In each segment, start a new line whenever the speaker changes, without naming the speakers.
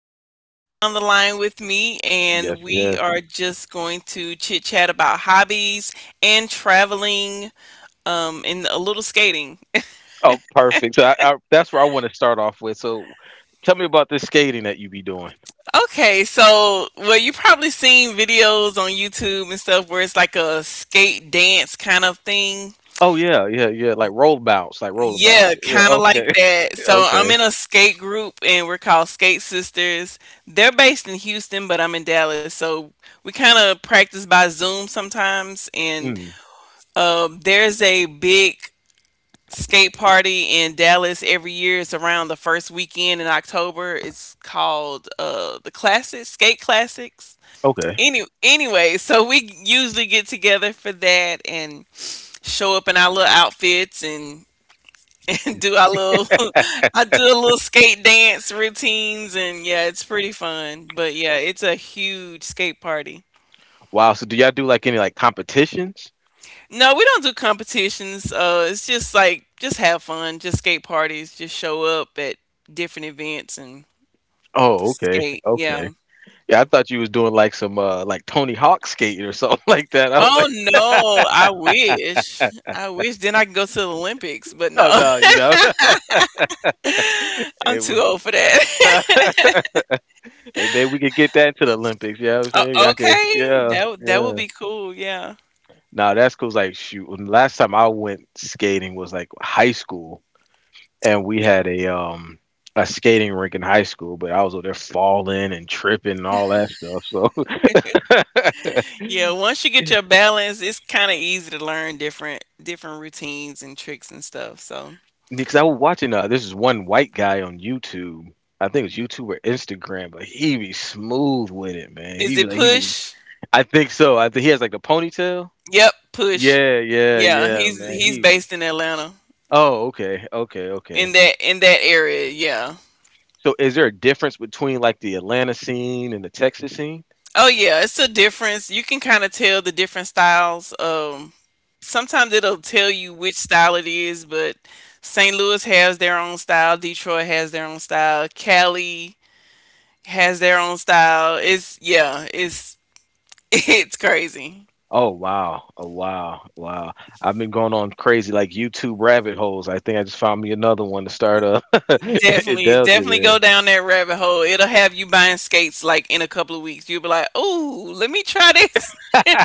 Justin on the line with me,
Yes,
and we
yes.
are just going to chit chat about hobbies and traveling, and a little skating.
Oh, perfect. So I, that's where I want to start off with. So tell me about this skating that you be doing.
Okay, so well, you probably seen videos on YouTube and stuff where it's like a skate dance kind of thing.
Oh yeah, yeah, yeah. Like roll bounce, like roll
Yeah,
about. Yeah.
kind of like
Okay.
that. So I'm
Okay.
in a skate group and we're called Skate Sisters. They're based in Houston, but I'm in Dallas. So we kind of practice by Zoom sometimes. And
Mm,
there's a big skate party in Dallas every year. It's around the first weekend in October. It's called the Classics, Skate Classics.
okay.
Anyway, so we usually get together for that and show up in our little outfits and do our little I do a little skate dance routines and yeah, it's pretty fun. But yeah, it's a huge skate party.
Wow. So do y'all do like any like competitions?
No, we don't do competitions. It's just like just have fun, just skate parties, just show up at different events and
Oh, okay.
skate. Yeah.
Okay. Yeah, I thought you was doing like some like Tony Hawk skating or something like that.
Oh no, I wish.
Like,
I wish then I can go to the Olympics, but no.
oh no, you know.
I'm
Hey,
too old for that.
hey, maybe we could get that into the Olympics. Yeah, you know what I'm saying, y'all could.
Okay.
Yeah,
That would
yeah.
be cool. Yeah.
Now that's cool. It's like shoot, when the last time I went skating was like high school, and we had a a skating rink in high school, but I was over there falling and tripping and all that stuff. So
Yeah, once you get your balance, it's kind of easy to learn different routines and tricks and stuff. So,
because I was watching this is one white guy on YouTube. I think it's YouTube or Instagram, but he be smooth with it, man. He
is
be
it
like he be.
Push?
I think so. I think he has like a ponytail.
Yep, Push.
Yeah, yeah,
Yeah,
yeah, man.
he's
He be.
based in Atlanta
Oh, okay, okay, okay.
in that area. Yeah.
So is there a difference between like the Atlanta scene and the Texas scene?
Oh yeah, it's a difference. You can kind of tell the different styles. Sometimes it'll tell you which style it is, but St. Louis has their own style. Detroit has their own style. Cali has their own style. It's yeah, it's it's crazy.
Oh wow. Oh wow. Wow. I've been going on crazy like YouTube rabbit holes. I think I just found me another one to start up. It
Definitely,
delves
definitely
you
go down that rabbit hole. It'll have you buying skates like in a couple of weeks. You'll be like, "Ooh, let me try this."
there.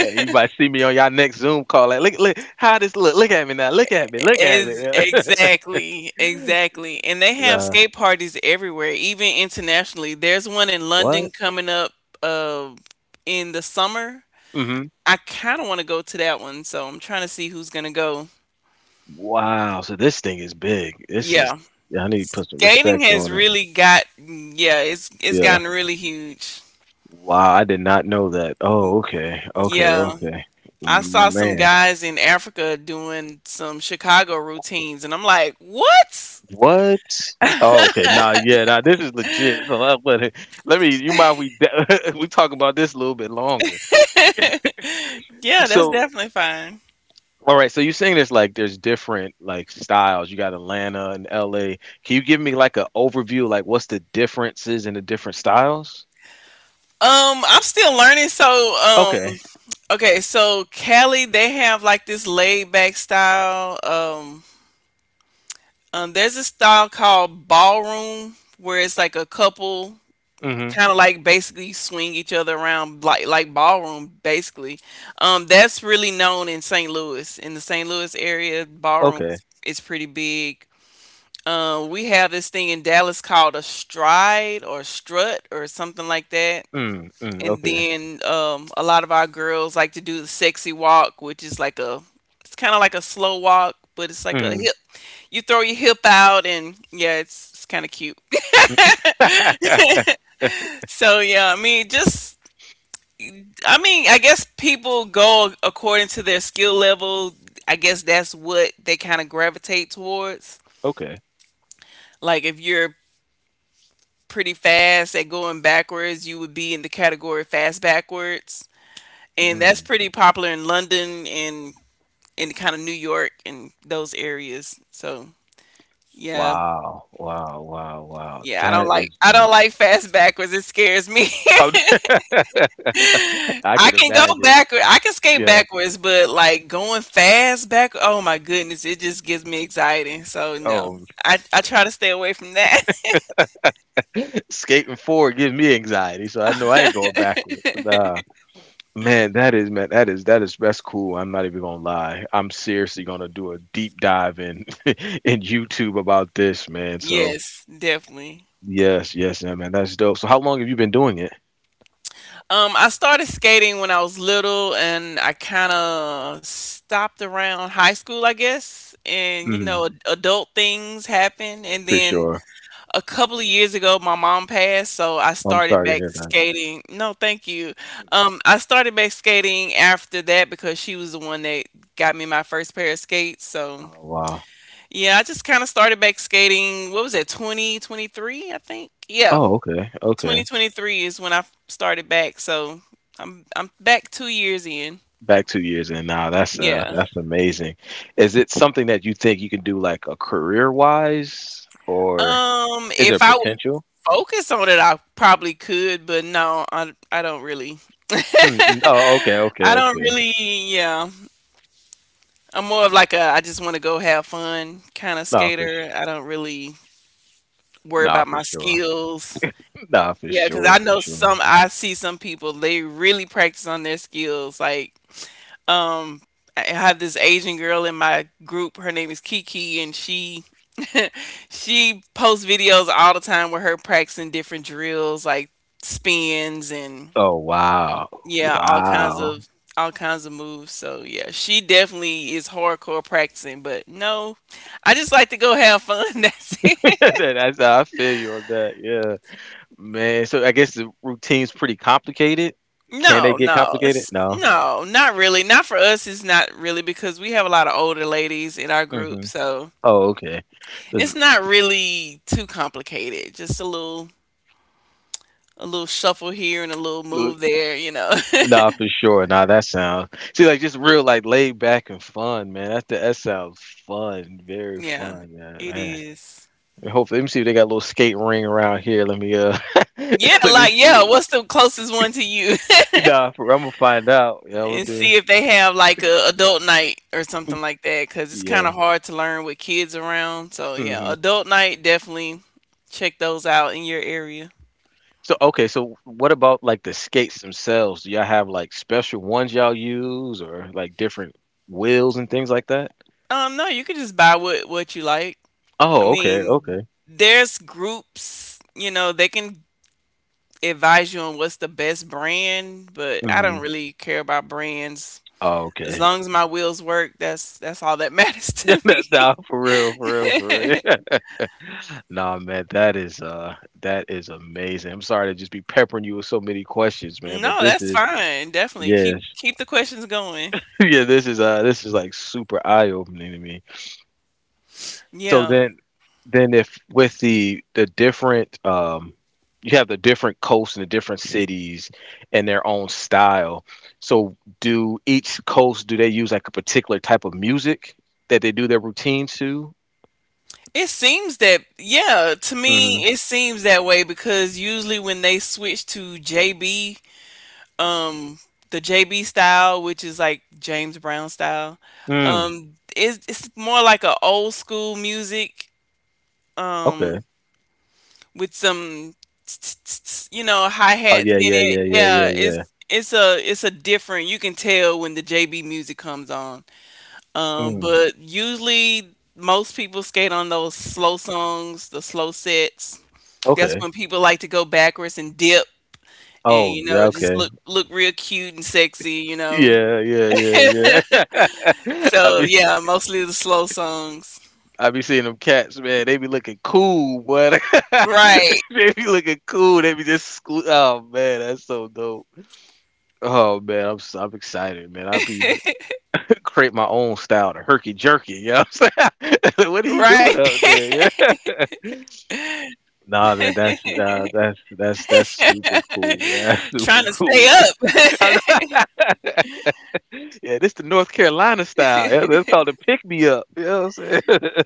Hey, you might see me on y'all next Zoom call. Like, look, look, how this look? Look at me now. Look at me. Look at me.
Is exactly, exactly. And they have
uh,
skate parties everywhere, even internationally. There's one in London
what?
coming up, uh, in the summer.
Hmm.
I kind of want to go to that one, so I'm trying to see who's gonna go.
Wow. So this thing is big. This is.
Yeah,
Yeah, I need to put some
skating
respect
has
on it.
really got yeah, it's
Yeah.
gotten really huge.
Wow. I did not know that. Oh, okay. Okay.
Yeah.
Okay.
I saw some
Man.
guys in Africa doing some Chicago routines, and I'm like, what?
What? Oh, okay. Nah, yeah, nah, this is legit. So you mind we talk about this a little bit longer.
Yeah, that's
So,
definitely fine.
all right, so you're saying there's like there's different like styles. You got Atlanta and LA. Can you give me like an overview, like what's the differences in the different styles?
I'm still learning. So,
Okay.
okay, so Cali, they have like this laid back style. There's a style called ballroom where it's like a couple
Mm-hmm.
kind of like basically swing each other around like ballroom basically. That's really known in St. Louis. In the St. Louis area, ballroom
Okay.
is pretty big. We have this thing in Dallas called a stride or strut or something like that.
Mm, mm,
And
okay.
then a lot of our girls like to do the sexy walk, which is like a, it's kind of like a slow walk, but it's like a
Mm.
hip. You throw your hip out, and yeah, it's kind of cute. So yeah, I mean, just I mean, I guess people go according to their skill level. I guess that's what they kind of gravitate towards.
Okay.
Like if you're pretty fast at going backwards, you would be in the category fast backwards. And that's
Mm.
pretty popular in London and in kind of New York and those areas. So yeah,
Wow. Wow. Wow. Wow.
yeah, I don't like fast backwards. It scares me.
I
I
can
can go
imagine.
backward. I can skate
Yeah.
backwards, but like going fast back, oh my goodness, it just gives me anxiety. So no,
Oh,
I try to stay away from that.
skating forward gives me anxiety, so I know I ain't going backwards. Nah, man, that's cool. I'm not even gonna lie. I'm seriously gonna do a deep dive in in YouTube about this, man. So
yes, definitely.
yes, yes, yeah, man, that's dope. So how long have you been doing it?
I started skating when I was little, and I kind of stopped around high school, I guess. And you know,
Mm,
adult things happen. And
for
then
sure.
a couple of years ago, my mom passed, so I
I'm
started
sorry to
back
hear that.
skating. No, thank you.
Mm-hmm.
I started back skating after that because she was the one that got me my first pair of skates.
Oh
So
wow.
yeah, I just kind of started back skating. What was that, 2023, I think? Yeah.
Oh, okay, okay.
2023 is when I started back, so I'm back 2 years in.
Back 2 years in now.
Yeah.
That's amazing. Is it something that you think you can do like a career wise, or? Is there
If I would
potential?
focus on it, I probably could, but no, I don't really.
Mm mm. Oh, okay,
I
okay,
don't
okay.
really, yeah. I'm more of like a I just want to go have fun kind of
Nah, for sh-
skater. I don't really worry
nah,
about
for
my
sure.
skills.
Nah, for
Yeah, because I
sure, for
know
sure.
some I see some people they really practice on their skills. Like, um I have this Asian girl in my group. Her name is Kiki and she she posts videos all the time with her practicing different drills like spins and
Oh wow,
yeah,
wow.
all kinds of moves. So yeah, she definitely is hardcore practicing, but no. I just like to go have fun. That's it.
That's how I feel you on that. Yeah, man. So I guess the routine's pretty complicated. Can they
No,
get
no,
complicated? No.
no, not really. Not for us. It's not really because we have a lot of older ladies in our group,
Hmm.
so
Oh, okay. 'Cause-
it's not really too complicated. A little shuffle here and a little move there, you know.
Nah, for sure. Nah, that sounds. See, like just real, like laid back and fun, man. That sounds fun, very
Yeah,
fun,
it
man.
is.
Hopefully, let me see if they got a little skate ring around here. Let me
Yeah,
let me
like yeah,
see.
what's the closest one to you?
I'm gonna find out. Yeah, we'll
and
do.
see if they have like a adult night or something like that cuz it's kind
Yeah.
of hard to learn with kids around. So yeah,
Hmm.
adult night definitely check those out in your area.
So okay, so what about like the skates themselves? Do y'all have like special ones y'all use, or like different wheels and things like that?
No, you can just buy what you like. I
Oh, okay,
mean,
okay.
there's groups, you know, they can advise you on what's the best brand, but I don't
Hmm.
really care about brands.
Oh,
As
okay.
long as my wheels work, that's all that matters to me.
Nah, for real, for real, for real. Nah, man, that is amazing. I'm sorry to just be peppering you with so many questions, man, but
No,
this
that's
is
fine. Definitely keep
yes.
keep the questions going.
Yeah, this is like super eye opening to me. So
Yeah.
then if with the different you have the different coasts and the different cities and their own style. So do each coast do they use like a particular type of music that they do their routines to?
It seems that yeah, to
Hmm.
me it seems that way because usually when they switch to JB, um the JB style, which is like James Brown style,
Mm.
it's more like a old school music um
Okay.
with some you know
Oh
hi-hats
yeah,
in
yeah,
it.
yeah, yeah, yeah,
Yeah,
yeah.
it's a different. You can tell when the JB music comes on.
Mm.
But usually most people skate on those slow songs, the slow sets. That's
Okay.
when people like to go backwards and dip and
Oh
you know,
yeah,
just
okay.
look real cute and sexy, you know.
Yeah, yeah, yeah, yeah. I
So
mean
yeah, mostly the slow songs.
I be seeing them cats, man. They be looking cool, but
Right.
they be looking cool. They be just sque- oh man, that's so dope. Oh man, I'm excited, man. I be create my own style to herky jerky. You know what I'm saying? What
Right.
are he doing up there? Yeah. Nah, man, that's super
Trying
cool.
to
Man. That's
stay
super cool.
up.
I know. Yeah, this the North Carolina style. Yeah, that's called the pick me up. You know what I'm saying?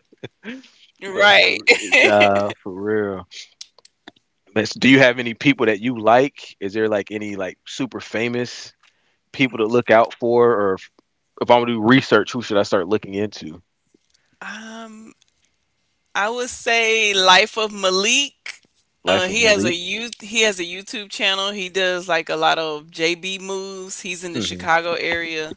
but
right.
for, nah, for real. Let Do you have any people that you like? Is there like any like super famous people to look out for, or if I'm gonna do research, who should I start looking into?
Um I would say Life of Malik.
Life of Malik.
He has a YouTube channel. He does like a lot of JB moves. He's in the
Hmm.
Chicago area.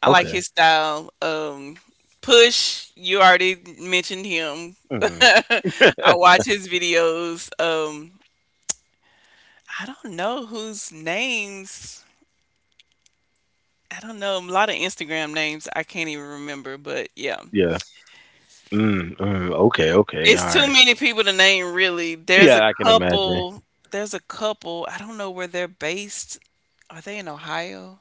I like
Okay.
his style. Push, you already mentioned him.
Hmm.
I watch his videos. I don't know whose names. I don't know a lot of Instagram names. I can't even remember, but yeah.
Yeah. Mm, mm, okay. Okay.
It's
All
too
right.
many people to name really.
Yeah, I can imagine.
There's a couple, I don't know where they're based. Are they in Ohio?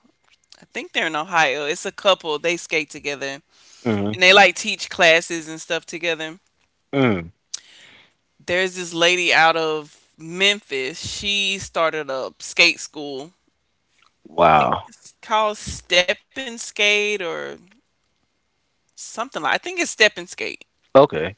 I think they're in Ohio. It's a couple. They skate together
Hmm.
and they like teach classes and stuff together.
Mm.
There's this lady out of Memphis. She started a skate school. I think
Wow.
it's called Step and Skate or something like I think it's Step and Skate.
Okay.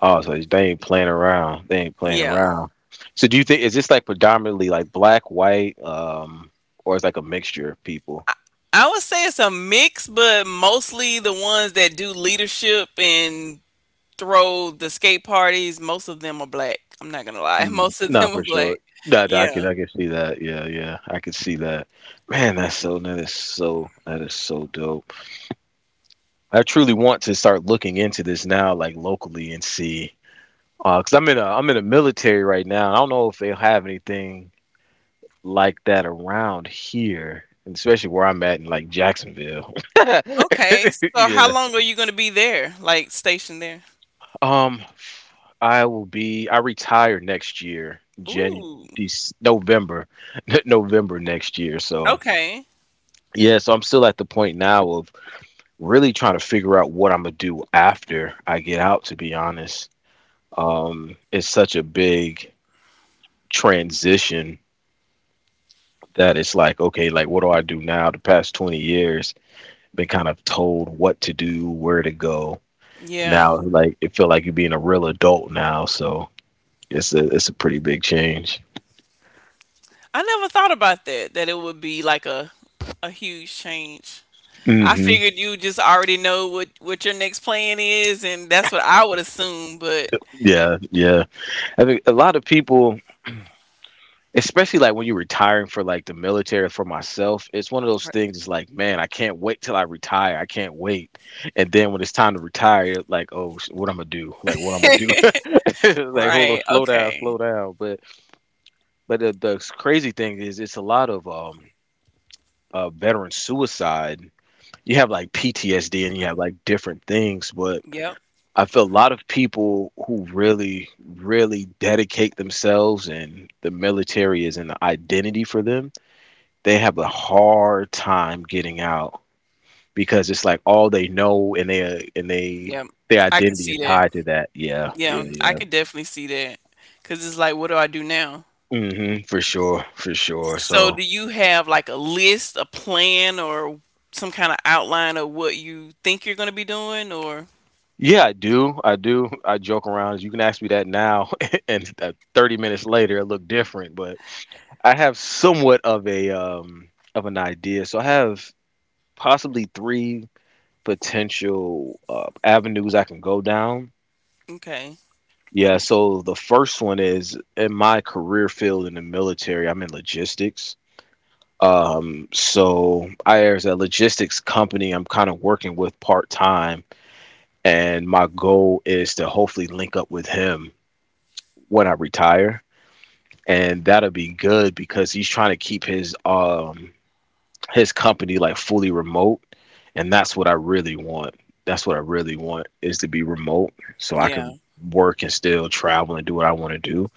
Oh, so they ain't playing around. They ain't playing
Yeah.
around. So, do you think is this like predominantly like black, white, or is like a mixture of people?
I would say it's a mix, but mostly the ones that do leadership and throw the skate parties, most of them are black. I'm not gonna lie,
Mm,
most of
no,
them are
for
black.
sure. That
Yeah.
I could see that. Yeah, yeah, I could see that. Man, that's so that is so that is so dope. I truly want to start looking into this now, like locally, and see. Cause I'm in a military right now. I don't know if they'll have anything like that around here, and especially where I'm at in like Jacksonville.
Okay. So how
Yeah.
long are you gonna be there? Like stationed there?
Um, I will be I retire next year,
Ooh.
November, November next year. So.
Okay.
Yeah, so I'm still at the point now of really trying to figure out what I'm gonna do after I get out, to be honest. It's such a big transition that it's like, okay, like what do I do now? The past 20 years, been kind of told what to do, where to go.
Yeah.
Now, like it feel like you're being a real adult now, so it's a pretty big change.
I never thought about that. That it would be like a huge change. I
Hmm.
figured you just already know what your next plan is, and that's what I would assume. But
Yeah, yeah. I think a lot of people, especially like when you're retiring for like the military, for myself it's one of those
r-
things, it's like man, I can't wait till I retire, I can't wait, and then when it's time to retire, you're like, oh what I'm gonna do, like what I'm gonna do, like hold on,
right.
slow down,
Okay.
slow down. But the crazy thing is it's a lot of veteran suicide, you have like PTSD and you have like different things, but
Yep.
I feel a lot of people who really really dedicate themselves, and the military is an identity for them, they have a hard time getting out because it's like all they know, and they
Yep.
their
I can
identity
see
is
that.
tied to that. Yeah,
Yeah,
yeah,
I
yeah.
could definitely see that. Cause it's like, what do I do now?
Hmm, for sure, for sure.
So,
So
do you have like a list, a plan, or some kind of outline of what you think you're going to be doing? Or,
yeah, I do, I do. I joke around. You can ask me that now, and 30 minutes later, it look different. But I have somewhat of a of an idea. So I have possibly three potential avenues I can go down.
okay.
Yeah, so the first one is in my career field in the military, I'm in logistics. So I there's a logistics company I'm kind of working with part time, and my goal is to hopefully link up with him when I retire. And that'll be good because he's trying to keep his company like fully remote, and that's what I really want. That's what I really want is to be remote so I
Yeah.
can work and still travel and do what I want to do.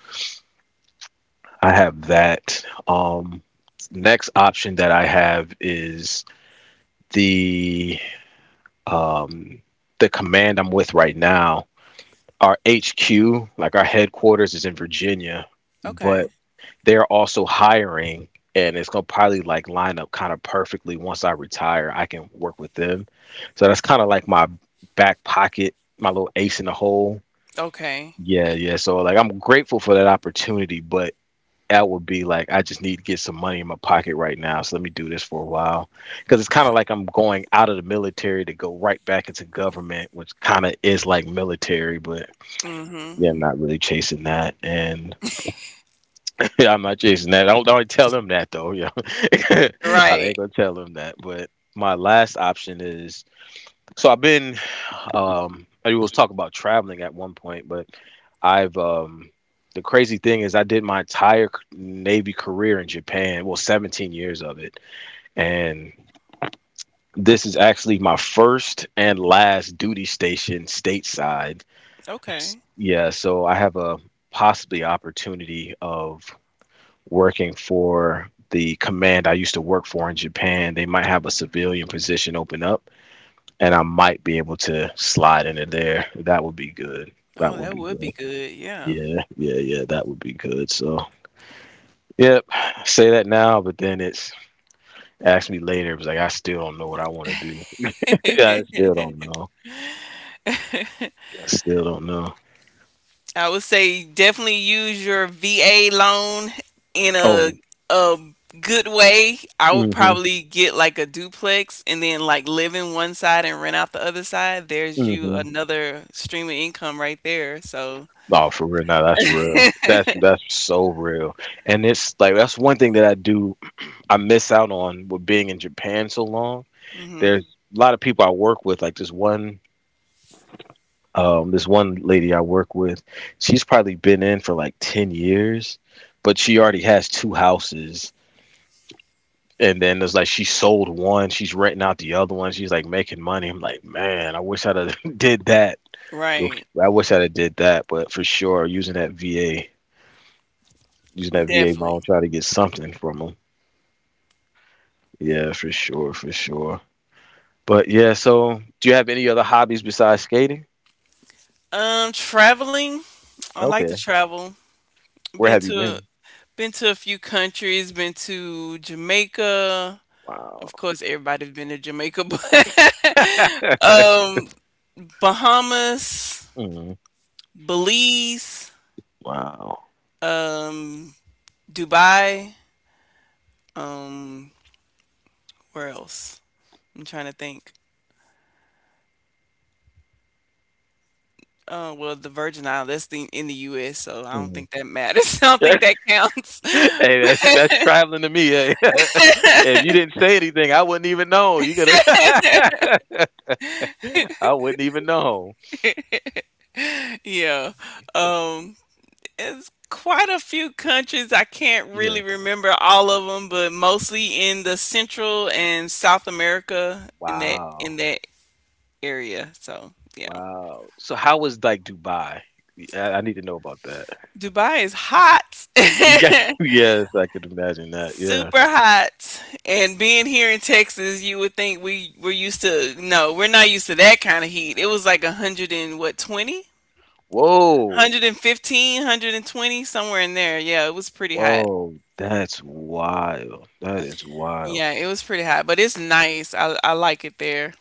I have that. Next option that I have is the um, the command I'm with right now. Our HQ, like our headquarters, is in Virginia,
Okay.
but they're also hiring, and it's gonna probably like line up kind of perfectly. Once I retire, I can work with them. So that's kind of like my back pocket, my little ace in the hole.
Okay.
Yeah, yeah. So like I'm grateful for that opportunity, but that would be like I just need to get some money in my pocket right now. So let me do this for a while because it's kind of like I'm going out of the military to go right back into government, which kind of is like military, but
Mm-hmm.
yeah, I'm not really chasing that, and I'm not chasing that. I don't tell them that though. Yeah, I
Right.
ain't gonna tell them that. But my last option is so I've been. I was talking about traveling at one point, but I've the crazy thing is I did my entire Navy career in Japan, well, 17 years of it, and this is actually my first and last duty station stateside.
Okay.
Yeah, so I have a possibly opportunity of working for the command I used to work for in Japan. They might have a civilian position open up, and I might be able to slide into there. That would be good. That
Oh,
would
that
be
would be
good.
good. Yeah.
Yeah, yeah, yeah. That would be good. So, yep. Say that now, but then it's ask me later. It was like I still don't know what I want to do. Yeah, I still don't know. I still don't know.
I would say definitely use your VA loan in
Oh,
a good way. I would
mhm,
probably get like a duplex and then like live in one side and rent out the other side. There's you
mhm.
another stream of income right there. So,
No, for real. No, that's real. That's so real. And it's like that's one thing that I do. I miss out on with being in Japan so long.
mhm.
There's a lot of people I work with. Like this one. This one lady I work with, she's probably been in for like 10 years, but she already has two houses. And then it's like she sold one, she's renting out the other one. She's like making money. I'm like, man, I wish I'd have did that.
Right.
I wish I'd have did that, but for sure, using that VA
Definitely.
loan, try to get something from them. Yeah, for sure, for sure. But yeah, so do you have any other hobbies besides skating?
Traveling. I like to
Okay,
travel.
where
Been
have you
to a,
been?
been to a few countries. Been to Jamaica.
Wow.
Of course, everybody's been to Jamaica, but um, Bahamas,
Mm,
Belize,
wow.
um, Dubai. Um, where else? I'm trying to think. Oh, well, the Virgin Islands, that's the, in the US, so I don't
Mm.
think that matters. I don't
Hey,
think that counts.
that's traveling to me. Hey. If you didn't say anything, I wouldn't even know. You gotta. I wouldn't even know.
Yeah. Um, it's quite a few countries. I can't really
Yeah.
remember all of them, but mostly in the Central and South America in
Wow.
that area. So, yeah.
Wow. So how was like Dubai? I need to know about that.
Dubai is hot.
Yeah. Yes, I could imagine that. Yeah.
Super hot. And being here in Texas, you would think we were used to... no, we're not used to that kind of heat. It was like a hundred and what, 20?
Whoa.
Somewhere in there. Yeah, it was pretty hot.
Whoa. That's wild. That is wild.
Yeah, it was pretty hot, but it's nice. I like it there.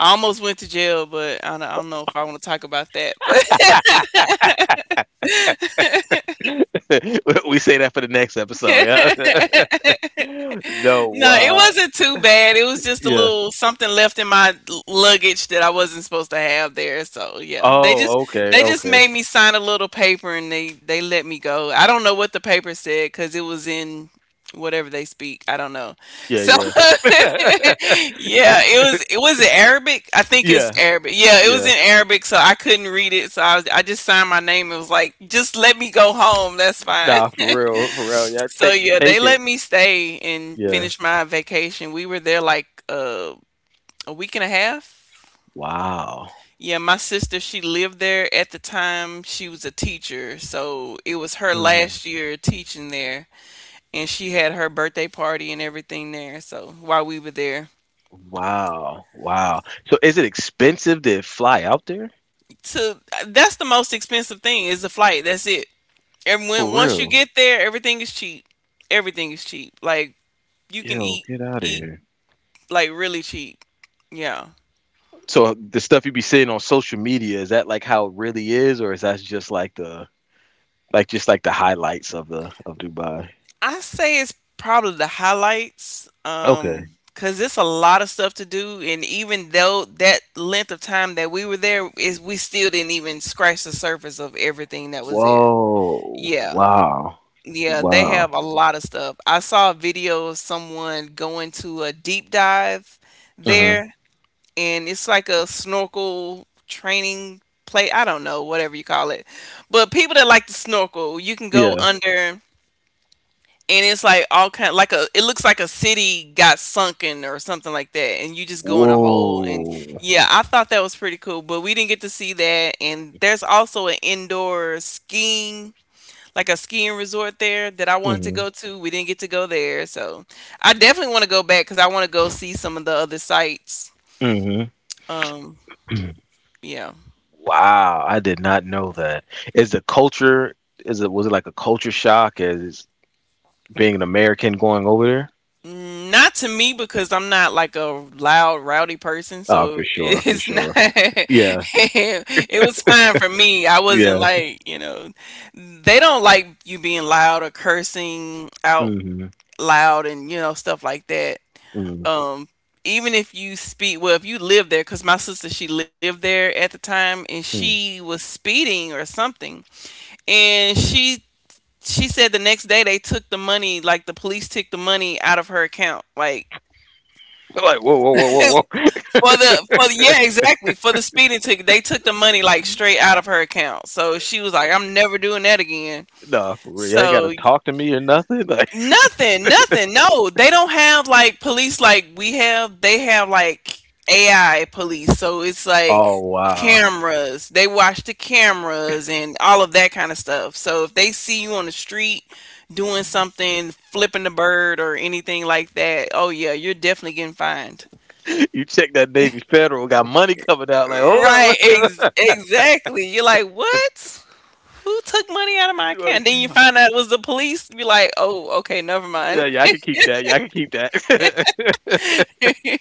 I almost went to jail, but I don't know if I want to talk about that. But
We say that for the next episode. Yeah. No.
no, it
Wow.
wasn't too bad. It was just a
Yeah.
little something left in my luggage that I wasn't supposed to have there. So yeah, they just
Oh. Okay.
they just
Okay.
made me sign a little paper and they let me go. I don't know what the paper said because it was in whatever they speak. I don't know.
Yeah,
So
yeah.
yeah, it was in Arabic. I think it's
Yeah,
Arabic. Yeah, it was
yeah,
in Arabic, so I couldn't read it. So I just signed my name. It was like, just let me go home. That's fine.
nah, for real, for real. Yeah,
So
take
yeah, they
take it.
let me stay and
Yeah.
finish my vacation. We were there like a week and a half.
Wow.
Yeah, my sister, she lived there at the time. She was a teacher, so it was her
Mm.
last year teaching there, and she had her birthday party and everything there. So while we were there,
Wow. Wow. So is it expensive to fly out there?
to that's the most expensive thing is the flight. That's it. And
For
when once you
real.
get there, everything is cheap. Everything is cheap. Like you can
Yo,
eat
get out of
eat
here.
like really cheap. Yeah.
So the stuff you be seeing on social media, is that like how it really is, or is that just like the highlights of the of Dubai?
I say it's probably the highlights,
Okay.
cause it's a lot of stuff to do, and even though that length of time that we were there is, we still didn't even scratch the surface of everything that was there.
Whoa.
Yeah.
Wow.
Yeah, they
Wow.
have a lot of stuff. I saw a video of someone going to a deep dive
Hmm.
there, and it's like a snorkel training play. I don't know, whatever you call it. But people that like to snorkel, you can go
Yeah.
under, and it's like all kind... like a... it looks like a city got sunken or something like that, and you just go in a hole. And
Whoa.
yeah, I thought that was pretty cool, but we didn't get to see that. And there's also an indoor skiing, like a skiing resort there, that I wanted to
Mhm.
go to. We didn't get to go there, so I definitely want to go back because I want to go see some of the other sites.
Mhm.
um yeah.
Wow, I did not know that. Is the culture is it was it like a culture shock as being an American going over there?
Not to me, because I'm not like a loud, rowdy person,
Oh, for
so
sure, for
it's not.
sure. Yeah,
It was fine for me. I wasn't
yeah.
like, you know, they don't like you being loud or cursing out
Mhm.
loud and, you know, stuff like that.
Mhm.
Um, Even if you speed, well, if you live there, because my sister, she lived there at the time, and
Mhm.
she was speeding or something. And she said the next day they took the money, like the police took the money out of her account. Like,
Like whoa, whoa, whoa, whoa, whoa.
Yeah, exactly. For the speeding ticket, they took the money like straight out of her account. So she was like, "I'm never doing that again."
Nah, for real. You ain't
So
gotta
y-
talk to me or nothing. Like,
Nothing, nothing. No, they don't have like police like we have. They have like AI police. So it's like
oh wow.
cameras. They watch the cameras and all of that kind of stuff. So if they see you on the street doing something, flipping the bird or anything like that, oh yeah, you're definitely getting fined.
You check that Navy Federal got money coming out. Like, hold up,
Right,
what's going?
exactly. You're like, what? Who took money out of my account?
Like,
Then you
yeah,
find out it was the police. You're like, oh, okay, never mind.
yeah, I can keep that. Yeah, I can keep that.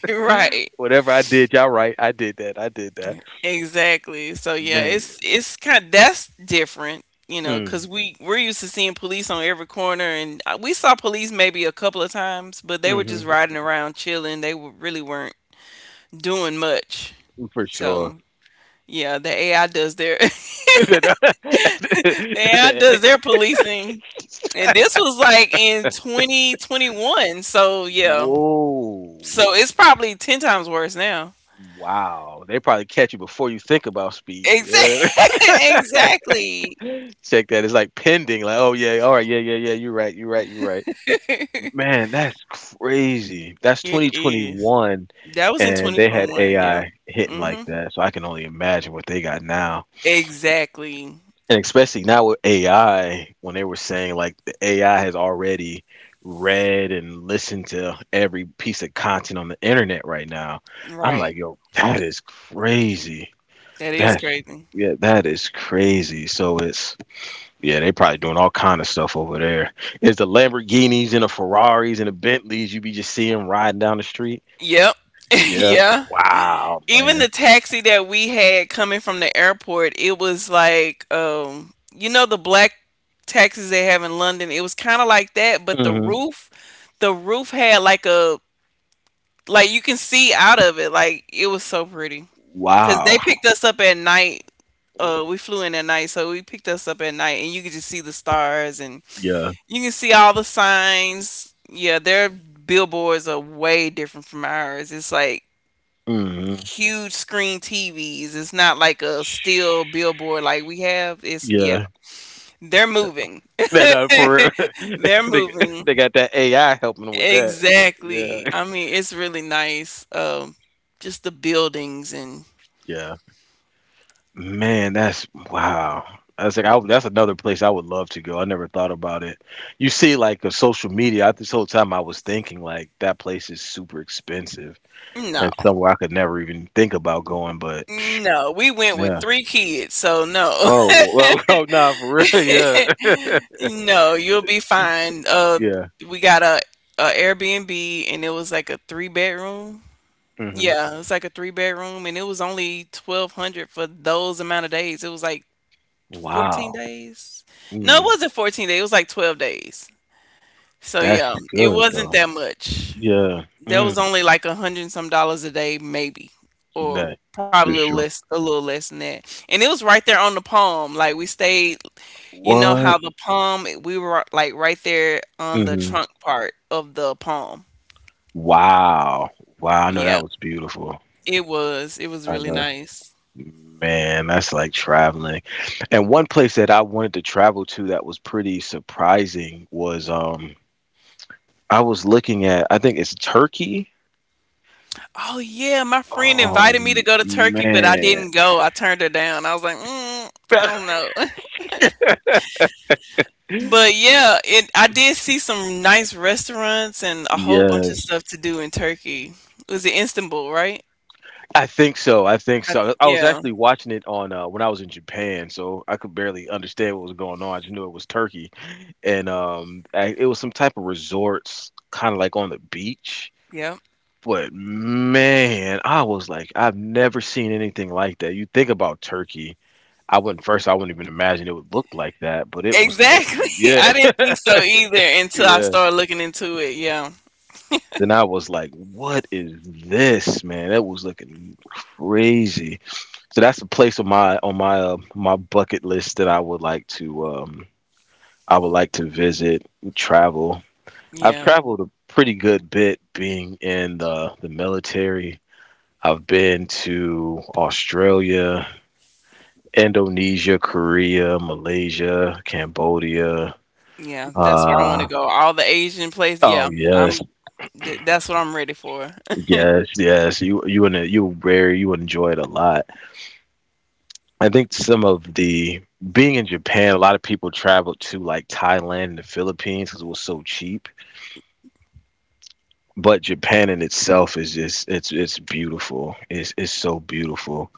right,
Whatever I did, y'all right. I did that. I did that.
exactly. So yeah,
Man.
it's kind of... that's different, you know, because
Mm,
we're used to seeing police on every corner, and we saw police maybe a couple of times, but they were just
mm-hmm.
riding around chilling. Really weren't doing much.
For
So
sure.
yeah, the AI does their... AI does their policing. And this was like in 2021. So, yeah.
Whoa.
So it's probably 10 times worse now.
Wow. They probably catch you before you think about speed. Yeah.
Exa- exactly.
Check that. It's like pending. Like, oh yeah, all right, yeah, yeah, yeah. You're right. You're right. You're right. Man, that's crazy. That's
It is.
2021,
That was in
and they had
2021. Yep.
AI hitting like
hmm
that. So I can only imagine what they got now.
Exactly.
And especially now with AI, when they were saying like the AI has already read and listened to every piece of content on the internet right now, I'm
Right.
like, yo, that is crazy.
That is
That's
crazy.
yeah, that is crazy. So it's yeah, they probably doing all kind of stuff over there. It's the Lamborghinis and the Ferraris and the Bentleys you be just seeing riding down the street.
Yep.
Yeah,
yeah.
wow,
Even
man.
the taxi that we had coming from the airport, it was like, you know, the black taxis they have in London. It was kind of like that, but
Hmm.
the roof had like a... like you can see out of it. Like it was so pretty because
Wow.
they picked us up at night. We flew in at night, so we picked us up at night, and you could just see the stars, and
Yeah.
you can see all the signs. Yeah, their billboards are way different from ours. It's like
Hmm.
huge screen TVs. It's not like a steel billboard like we have. It's, yeah,
Yeah.
they're moving.
No, no, for real.
They're
they
moving.
they got that AI helping them with that.
Exactly.
Yeah.
I mean, it's really nice. Just the buildings and...
Yeah. Man, that's wow. That's another place I would love to go. I never thought about it. You see, like a social media. This whole time I was thinking like that place is super expensive
no.
and it's somewhere I could never even think about going. But psh,
No, we went with
yeah.
3 kids, so no.
Oh well. Oh nah, for real. Yeah.
No, you'll be fine.
Yeah.
We got a, a Airbnb and it was like a 3 bedroom.
Hmm.
Yeah, it's like a 3 bedroom, and it was only 1200 for those amount of days. It was like 14
Wow.
days. No, it
Mm,
wasn't 14 days. It was like 12 days. So
that's
yeah, it
good
wasn't
though.
that much.
Yeah.
That was
Mm,
only like a hundred and some dollars a day, maybe,
you
or
know, for
probably a
sure.
less, a little less than that. And it was right there on the palm. Like we stayed... you know
What?
how the palm, we were like right there on the
Mm-hmm.
trunk part of the palm.
Wow. Wow. I know that
Yeah,
was beautiful.
it was. It was
I
really
know.
nice.
Man, that's like traveling. And one place that I wanted to travel to that was pretty surprising was I was looking at, I think it's Turkey.
Oh yeah, my friend
Oh
invited me to go to Turkey, but I
man.
didn't go. I turned her down. I was like, mm, I don't know. But yeah, it I did see some nice restaurants and a whole bunch of
Yes.
stuff to do in Turkey. It was in Istanbul, right?
I think so. I think
I,
so. I was
yeah,
actually watching it on when I was in Japan, so I could barely understand what was going on. I just knew it was Turkey, and it was some type of resorts, kind of like on the beach.
yeah.
But man, I was like, I've never seen anything like that. You think about Turkey, I wouldn't even imagine it would look like that, but it was like,
Exactly.
yeah,
I didn't think so either until I
yeah.
started looking into it. Yeah.
Then I was like, what is this, man? That was looking crazy. So that's a place on my bucket list that I would like to visit, travel. I've
Yeah.
traveled a pretty good bit being in the military. I've been to Australia. Indonesia, Korea, Malaysia, Cambodia.
Yeah, that's where I wanna
Uh,
go. All the Asian place,
oh
yeah,
yes,
I'm th that's what I'm ready for.
yes, yes. You and you very you enjoy it a lot. I think some of the being in Japan, a lot of people travel to like Thailand and the Philippines because it was so cheap. But Japan in itself is just it's beautiful. It's so beautiful.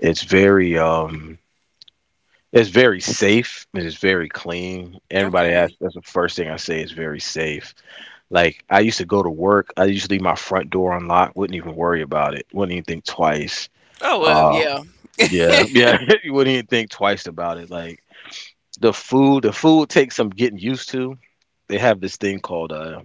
It's very. It's very safe. It's very clean. Everybody
Okay.
asks. That's the first thing I say. It's very safe. Like I used to go to work, I used to leave my front door unlocked, wouldn't even worry about it, wouldn't even think twice.
Oh, well,
Uh,
yeah.
yeah, yeah, you wouldn't even think twice about it. Like the food takes some getting used to. They have this thing called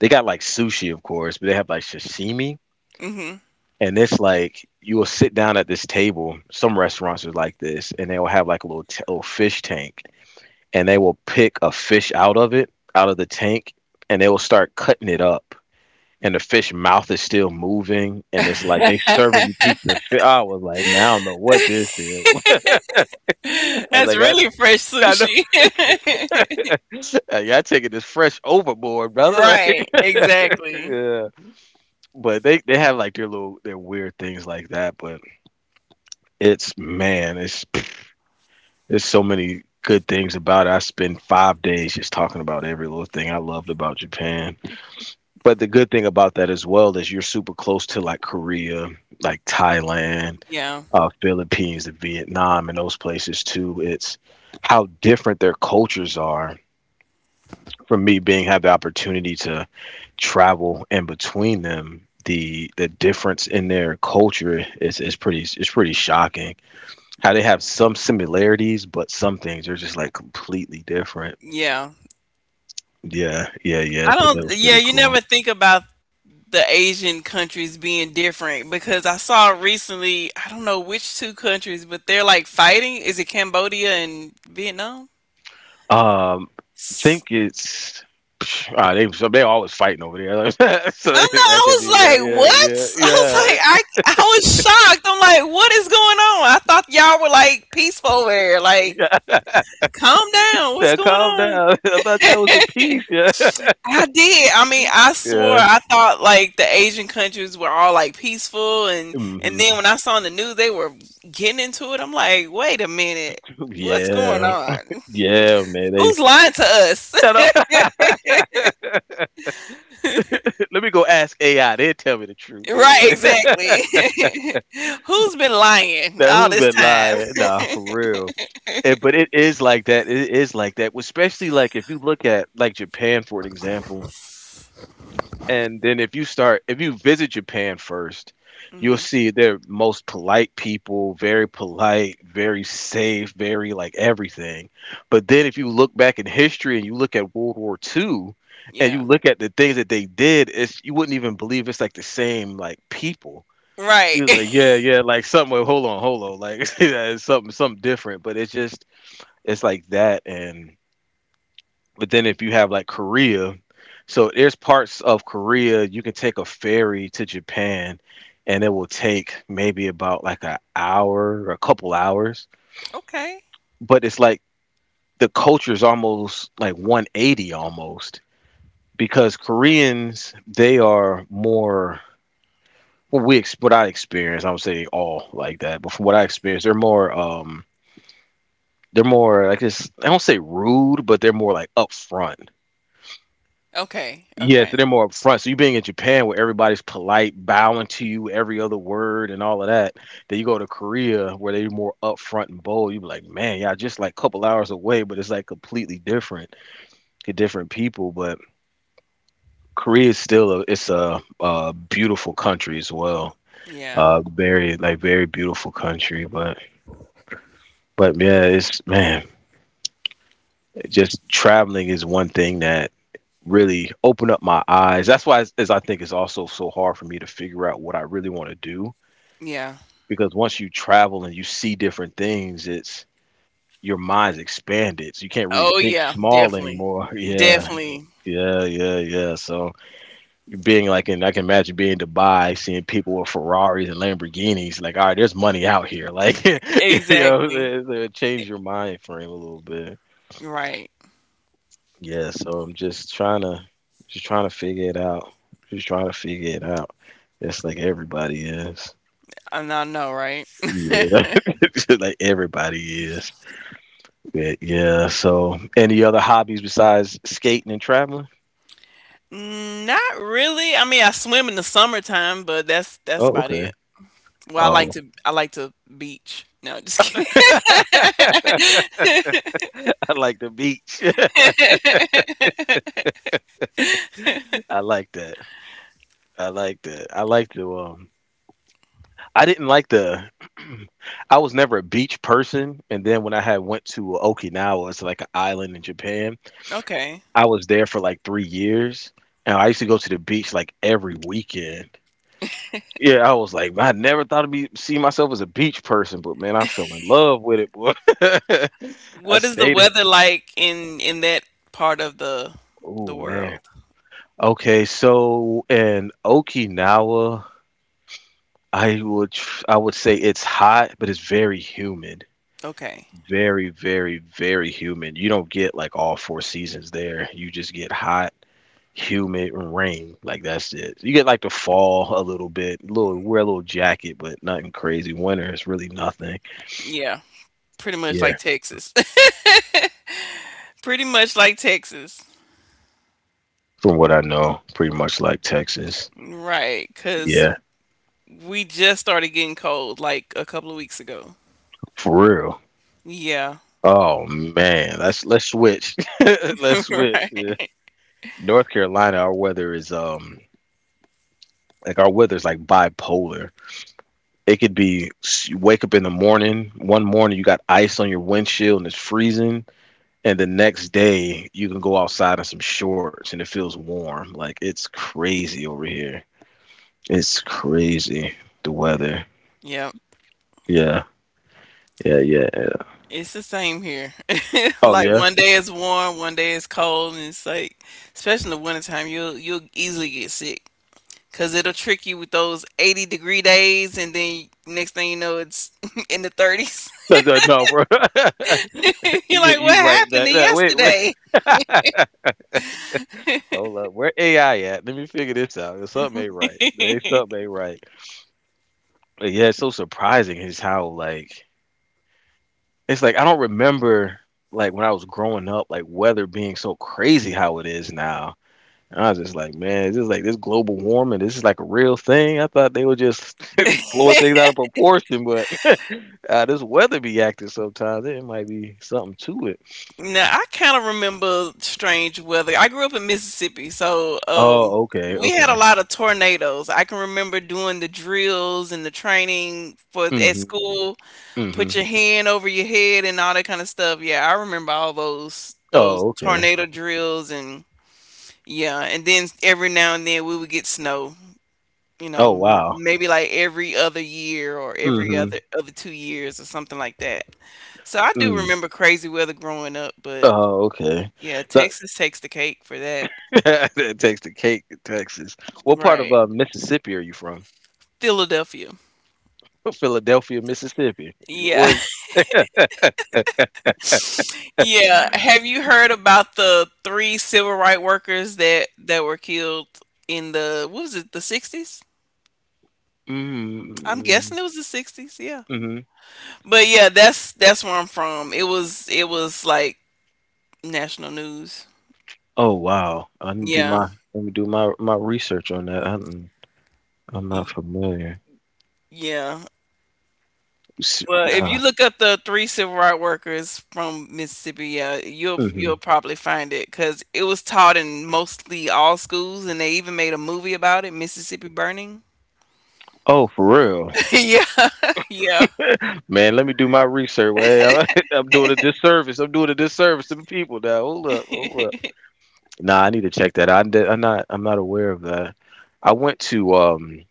they got like sushi, of course, but they have like sashimi,
Mhm.
and it's like you will sit down at this table. Some restaurants are like this, and they will have like a little fish tank, and they will pick a fish out of it, out of the tank, and they will start cutting it up and the fish mouth is still moving, and it's like they serving you pieces of fish. I was like, man, I don't know what this is. I was
That's
like, I,
really fresh
I know,
sushi.
y'all taking this fresh overboard, brother. Like,
Right, exactly.
yeah. But they have like their weird things like that. But it's man, it's there's so many good things about it. I spent 5 days just talking about every little thing I loved about Japan. But the good thing about that as well is you're super close to like Korea, like Thailand,
Yeah,
Philippines, and Vietnam, and those places too. It's how different their cultures are. For me, being have the opportunity to travel in between them, the difference in their culture is pretty shocking. How they have some similarities, but some things are just like completely different.
yeah.
Yeah, yeah, yeah.
I
So that
don't
was
Yeah,
pretty
you never
cool.
think about the Asian countries being different, because I saw recently, I don't know which 2 countries, but they're, like, fighting. Is it Cambodia and Vietnam?
Um, think it's Ah, they so they always fighting over there.
I
So
know.
I could be
I
right.
was like,
Yeah,
what?
yeah,
I was
yeah.
like, I was shocked. I'm like, what is going on? I thought y'all were like peaceful over there. Like,
Yeah.
calm down. What's
Yeah,
going
calm
on?
down. I thought y'all was the peace. Yeah,
I did. I mean, I swore
yeah,
I thought like the Asian countries were all like peaceful, and then
hmm,
when I saw on the news they were getting into it, I'm like, wait a minute. What's going
yeah,
on?
yeah, man. They.
Who's lying to us?
I don't- Let me go ask AI. They tell me the truth.
right, exactly. Who's been lying
Now
all
who's
this
been
time?
lying? Nah, for real. And, but it is like that. It is like that, especially like if you look at like Japan for an example. And then if you visit Japan first, you'll
hmm
see they're most polite people, very polite, very safe, very like everything. But then if you look back in history and you look at World War II and you
Yeah.
look at the things that they did, it's you wouldn't even believe it's like the same like people.
Right.
You're like, yeah, yeah, like something. Hold on, hold on, like yeah, it's something different. But it's like that, and but then if you have like Korea, so there's parts of Korea you can take a ferry to Japan and it will take maybe about like an hour or a couple hours.
Okay.
But it's like the culture is almost like 180 almost because Koreans, they are more, what I experience, I would say all like that, but from what I experience, they're more, like guess, I don't say rude, but they're more like upfront.
Okay.
Yeah, so
Okay.
they're more upfront. So you being in Japan where everybody's polite, bowing to you every other word and all of that. Then you go to Korea where they're more upfront and bold. You be like, man, y'all just like couple hours away, but it's like completely different to different people. But Korea is still a beautiful country as well.
Yeah.
Very like very beautiful country, but yeah, it's man, just traveling is one thing that really open up my eyes. That's why is I think it's also so hard for me to figure out what I really want to do
Yeah.
because once you travel and you see different things, it's your mind's expanded. So you can't really
Oh
think
yeah,
small
definitely.
anymore. Yeah.
Definitely.
Yeah, yeah, yeah. So being like and I can imagine being in Dubai, seeing people with Ferraris and Lamborghinis, like, all right, there's money out here. Like you know,
Exactly.
what? So it
E-
changed your mind frame a little bit.
Right.
Yeah, so I'm just trying to figure it out. Just trying to figure it out. Just like everybody is.
I know, right?
Yeah. Just like everybody is. Yeah, yeah. So any other hobbies besides skating and traveling?
Mm, not really. I mean, I swim in the summertime, but that's
Oh,
about
okay.
it. Well,
Oh.
I like to beach. No, just kidding.
I like the beach. I like that. I like that. I didn't like the I was never a beach person, and then when I had went to Okinawa, it's like an island in Japan.
Okay.
I was there for like 3 years, and I used to go to the beach like every weekend. Yeah, I was like, I never thought of be see myself as a beach person, but man, I fell in love with it, boy. I
What is the
stayed.
weather like in that part of
Oh
the
man.
world?
Okay, so in Okinawa, I would say it's hot, but it's very humid.
Okay.
Very, very, very humid. You don't get like all four seasons there. You just get hot humid and rain. Like that's it. You get like the fall a little bit, little wear a little jacket, but nothing crazy. Winter is really nothing.
Yeah. Pretty much like
Yeah.
Texas. Pretty much like Texas.
From what I know, pretty much like Texas.
Right. Cause,
Yeah,
we just started getting cold like a couple of weeks ago.
for real.
Yeah,
Oh man, let's switch. Let's switch.
right.
Yeah. North Carolina, our weather is like our weather is like bipolar. It could be you wake up in the morning, one morning you got ice on your windshield and it's freezing, and the next day you can go outside in some shorts and it feels warm. Like it's crazy over here. It's crazy the weather.
Yep.
Yeah, yeah.
It's the same here.
Oh
Like
yeah.
one day it's warm, one day it's cold, and it's like, especially in the wintertime, you'll easily get sick because it'll trick you with those 80-degree days, and then next thing you know, it's in the 30s.
No, no, no, bro.
You're
you,
like, what
you right
happened
back.
to
That Wait, wait.
yesterday?
Hold up. Where AI at? Let me figure this out. There's something ain't right. There's something ain't right. But yeah, it's so surprising is how like it's like I don't remember like when I was growing up, like weather being so crazy how it is now. And I was just like, man, this is like this global warming. This is like a real thing. I thought they were just blowing things out of proportion, but this weather be acting sometimes. It might be something to it.
Now, I kind of remember strange weather. I grew up in Mississippi, so
Oh, okay,
we had a
okay.
lot of tornadoes. I can remember doing the drills and the training for at
Hmm.
school,
Hmm.
put your hand over your head and all that kind of stuff. Yeah, I remember all those
Oh, okay.
tornado drills, and yeah, and then every now and then we would get snow. You
Oh
know,
wow.
maybe like every other year or every
Mm-hmm.
other... other 2 years or something like that. So I do
Mm.
remember crazy weather growing up, but
Oh, okay.
yeah,
So
Texas takes the cake for that.
that takes the cake in Texas. What part of
Right.
Mississippi are you from?
Philadelphia.
Philadelphia, Mississippi.
Yeah.
Or
Yeah. Have you heard about the 3 civil rights workers that were killed in the... what was it, the 60s?
mm,
I'm
mm-hmm.
guessing it was the 60s, yeah.
Mm-hmm.
But yeah, that's where I'm from. It was, it was like national news.
Oh wow. I didn't do
Yeah.
my Let me do my research on that. I'm not
Y-
familiar.
Yeah. Well, if you
Yeah.
look up the 3 civil rights workers from Mississippi, yeah, you'll
Hmm.
probably find it because it was taught in mostly all schools, and they even made a movie about it, Mississippi Burning.
Oh, for real,
yeah. Yeah.
man. Let me do my research. Well, I'm doing a disservice. I'm doing a disservice to the people now. Hold up. Hold up. Nah, I need to check that out. I'm not aware of that. I went to um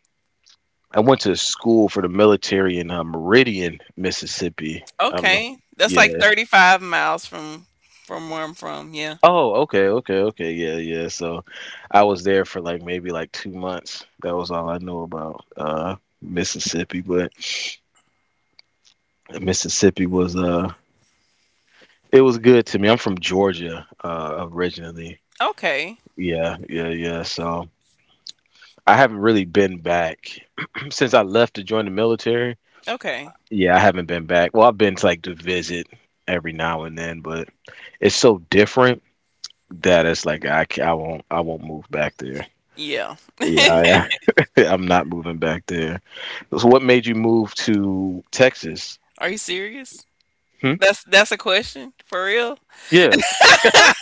I went to school for the military in Meridian, Mississippi. I don't know.
Okay, that's like
Yeah.
35 miles from where I'm from. Yeah.
Oh, okay, okay, okay. Yeah, yeah. So I was there for like maybe like 2 months. That was all I knew about Mississippi, but Mississippi was it was good to me. I'm from Georgia originally.
Okay.
Yeah, yeah, yeah. So I haven't really been back since I left to join the military.
Okay.
Yeah, I haven't been back. Well, I've been to like to visit every now and then, but it's so different that it's like I won't move back there.
Yeah.
Yeah, I, I'm not moving back there. So, what made you move to Texas?
Are you serious?
Hmm?
That's a question for real.
Yeah.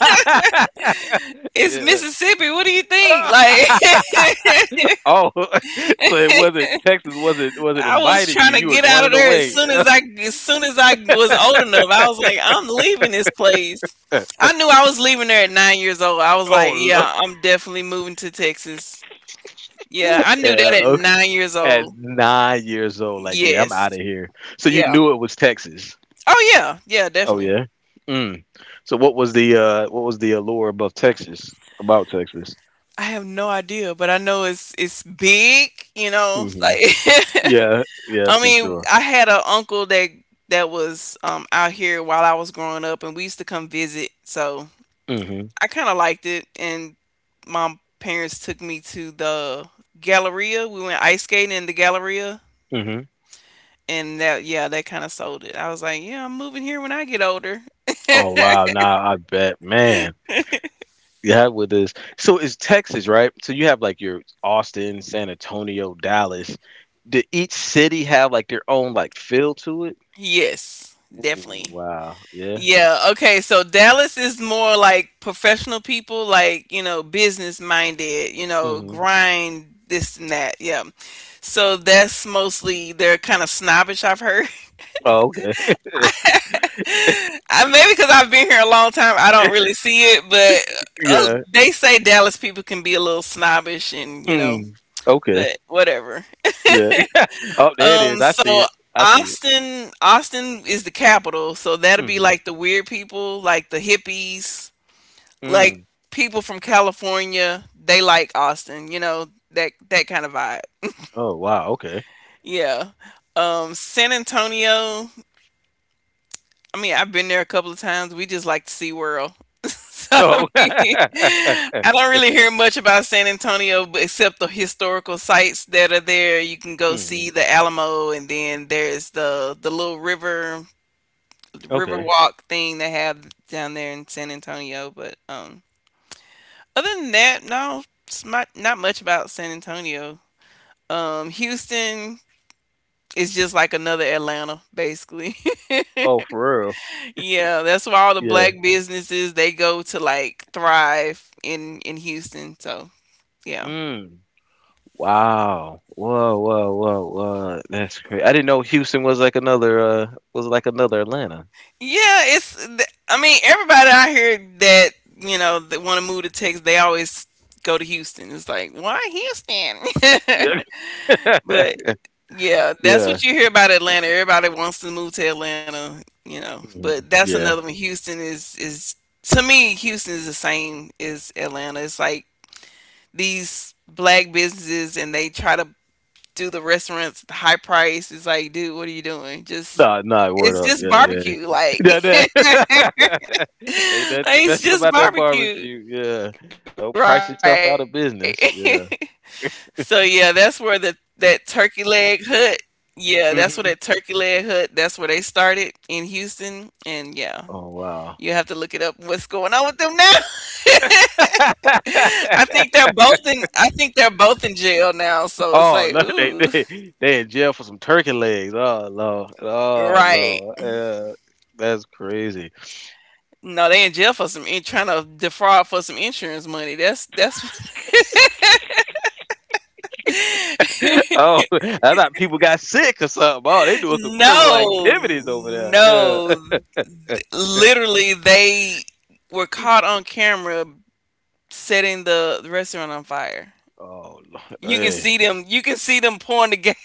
It's
Yeah.
Mississippi. What do you
That…
think? Like
Oh, so it wasn't Texas. Wasn't
I was
inviting
trying
you.
to
You was
get out of
running
there as
away.
soon as I as soon as I was old enough. I was like, I'm leaving this place. I knew I was leaving there at 9 years old. I was
Oh,
like,
no.
yeah, I'm definitely moving to Texas. Yeah, I knew
Yeah.
that at 9 years
At
old.
9 years old, like, yeah, I'm out
Yes.
of here. So you
Yeah.
knew it was Texas.
Oh yeah. Yeah,
Oh
definitely.
yeah. Mm. So what was the allure about Texas?
I have no idea, but I know it's big, you know.
Hmm.
Like
Yeah, yeah,
I
for
mean,
sure.
I had an uncle that that was out here while I was growing up and we used to come visit. So
Hmm.
I kind of liked it, and my parents took me to the Galleria. We went ice skating in the Galleria,
Hmm.
and that kind of sold it. I was like, yeah, I'm moving here when I get older.
Oh wow, now I bet, man. Yeah, with this. So it's Texas, right? So you have like your Austin, San Antonio, Dallas. Did each city have like their own like feel to it?
Yes,
Ooh,
definitely.
wow. Yeah.
Yeah, okay, so Dallas is more like professional people, like, you know, business minded, you know,
Hmm.
grind this and that. Yeah. So that's mostly they're kind of snobbish, I've heard.
Oh, okay.
I, maybe because I've been here a long time, I don't really see it. But
Yeah.
they say Dallas people can be a little snobbish, and you know,
Mm. Okay.
but whatever.
Yeah. Oh, there it is.
Um,
I see
so
it. I see it.
Austin, Austin is the capital, so that'll be
Mm-hmm.
like the weird people, like the hippies, like
Mm.
people from California. They like Austin, you know that that kind of vibe.
Oh wow. Okay.
Yeah. San Antonio. I mean, I've been there a couple of times. We just like to see world. So, I
Oh.
mean, I don't really hear much about San Antonio b except the historical sites that are there. You can go see
Mm.
the Alamo, and then there's the little river
Okay.
walk thing they have down there in San Antonio. But other than that, no, it's not much about San Antonio. Houston is just like another Atlanta, basically.
Oh, for
Yeah, that's why all the
real. Yeah.
black businesses they go to like thrive in Houston. So yeah,
Mm. Wow. Whoa. Whoa. Whoa. Whoa. That's crazy. I didn't know Houston was like another. Was like another Atlanta.
yeah. I mean everybody out here that you know that want to move to Texas, they always go to Houston. It's like why Houston?
Yeah.
but yeah, that's
Yeah.
what you hear about Atlanta. Everybody wants to move to Atlanta, you know.
Mhm.
But that's
Yeah.
another one. Houston is, to me, Houston is the same as Atlanta. It's like these black businesses and they try to do the restaurants the high price. It's like, dude, what are you doing? Just
No, no, word
it's
up.
just
Yeah, yeah.
barbecue, like,
Yeah,
like
that ain't nothing
it's
special
just
about that
barbecue,
barbecue. Yeah.
right?
Don't price yourself out of
so
business.
yeah,
Yeah.
that's where the that turkey leg hut. Yeah, that's where that turkey leg hut. That's where they
Hmm.
started in Houston, and yeah, you have to look it up.
Oh
What's
wow.
going on with them now? I think they're both in jail now. So it's like, ooh,
Oh look, they in jail for some turkey legs. Oh lord.
right.
Oh lord. Yeah. That's crazy.
No, they in jail for some in trying to defraud for some insurance money. That's
Oh, I thought people got sick or something. Oh, they doing some criminal
no,
activities over
no.
there. Yeah.
Literally, they were caught on camera setting the restaurant on fire.
Oh, Lord.
You can
Hey.
see them. You can see them pouring the gas.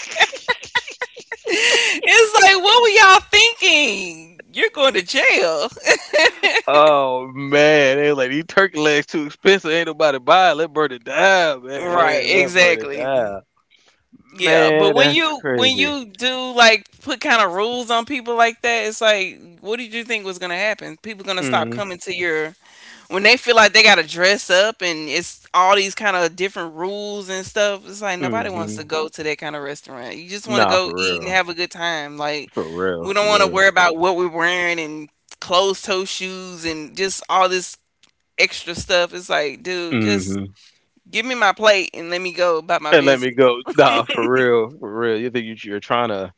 It's like, what were y'all thinking? You're going to jail,
Oh man, they like these turkey legs too expensive. Ain't nobody buy it. Let burn it down, man. Yeah,
right?
let burn it
Exactly.
down,
Yeah, but
man.
when
That's
you when
crazy.
you do like put kind of rules on people like that, it's like, what did you think was gonna happen? People gonna stop
Mm,
coming to your when they feel like they gotta dress up and it's all these kind of different rules and stuff. It's like nobody wants to
hmm.
go to that kind of restaurant. You just want to
Nah,
go
for
eat and
real,
have a good time. Like we
for
don't want to
real.
worry about what we're wearing and closed toe shoes and just all this extra stuff. It's like, dude,
Mm
just
hmm.
give me my plate and let me go about my
And let me
business.
go. Nah, for real, for real. You're trying to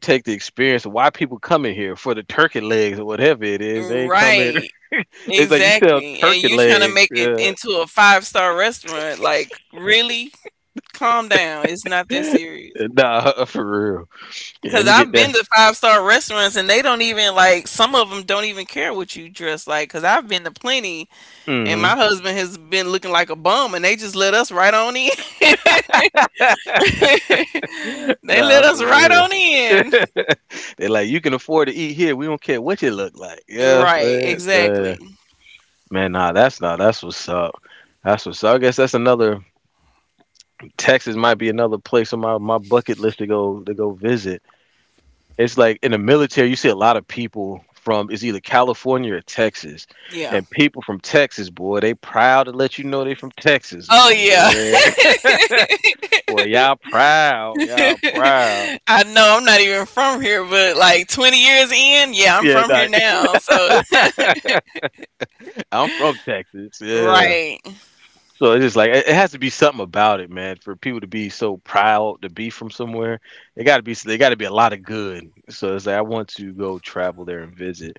take the experience of why people coming here for the turkey legs or whatever it is? They ain't coming.
Right.
It's like you sell
Exactly. And
turkey
you trying to
legs.
make it
Yeah.
into a five-star restaurant. Like, really? Calm down. It's not that serious.
Nah, for real. Yeah, let
Cause
me get
I've
that.
been to five star restaurants and they don't even like some of them don't even care what you dress like. Cause I've been to plenty and my
Hmm.
husband has been looking like a bum and they just let us right on in. they
Nah,
let us right
for
on
real.
in.
They like you can afford to eat here. We don't care what you look like. Yeah,
Right,
man.
exactly.
Man, nah, that's not. That's what's up. That's what's up. I guess that's another. Texas might be another place on my bucket list to go visit. It's like in the military, you see a lot of people from it's either California or Texas,
Yeah.
and people from Texas, boy, they proud to let you know they from Texas,
Oh yeah.
boy. Boy, y'all proud.
I know I'm not even from here, but like 20 years in, yeah, I'm
Yeah,
from
nah.
here now. So
I'm from Texas. Yeah.
Right.
So it's just like it has to be something about it, man. For people to be so proud to be from somewhere, it got to be they got to be a lot of good. So it's like I want to go travel there and visit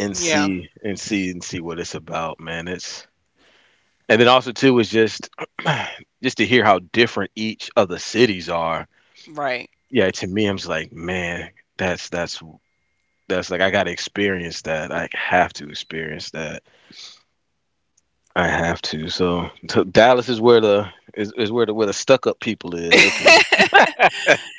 and
Yeah.
see and see what it's about, man. It's and then also too is just just to hear how different each of the cities are.
Right.
Yeah, to me, I'm just like, man, that's that's that's like I got to experience that. I have to experience that I have to. So Dallas is where the is where the stuck up people is. Okay,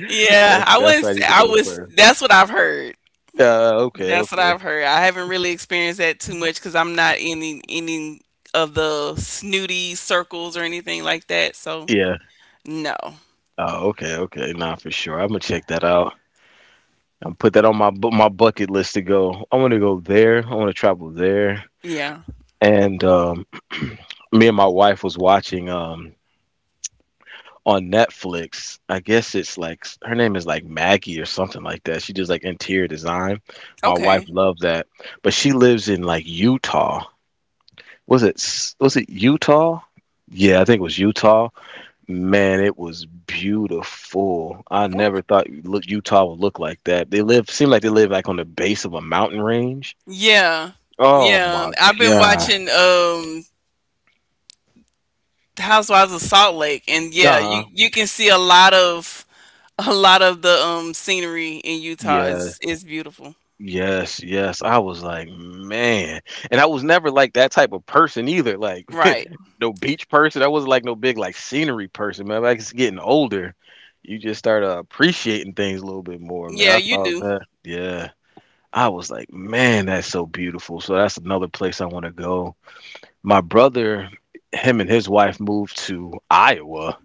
Yeah. I
that's
wouldn't
where I
say
need to
I
go
was
first.
that's what I've heard.
Okay,
That's what
okay,
I've heard. I haven't really experienced that too much because I'm not in any of the snooty circles or anything like that. So
yeah.
no.
Oh, okay, okay. Nah, for sure. I'm gonna check that out. I'm put that on my my bucket list to go. I want to go there. I want to travel there.
Yeah.
And me and my wife was watching. On Netflix. I guess it's like her name is like Maggie or something like that. She does like interior design. My wife
Okay.
loved that, but she lives in like Utah. Was it was it Utah? Yeah, I think it was Utah. Man, it was beautiful. I
Okay.
never thought look Utah would look like that. They live Seem like they live like on the base of a mountain range.
Yeah.
Oh
Yeah.
my
I've been
god.
watching Housewives of Salt Lake and
Uh
yeah, you
huh.
you can see a lot of a lot of the scenery in Utah.
Yeah.
It's beautiful.
Yes, yes. I was like, man. And I was never like that type of person either. Like
Right.
no beach person. I wasn't like no big like scenery person, man. Like it's getting older. You just start appreciating things a little bit more, man.
Yeah,
I
you
thought
do.
that. Yeah. I was like, man, that's so beautiful. So that's another place I want to go. My brother, him and his wife moved to Iowa.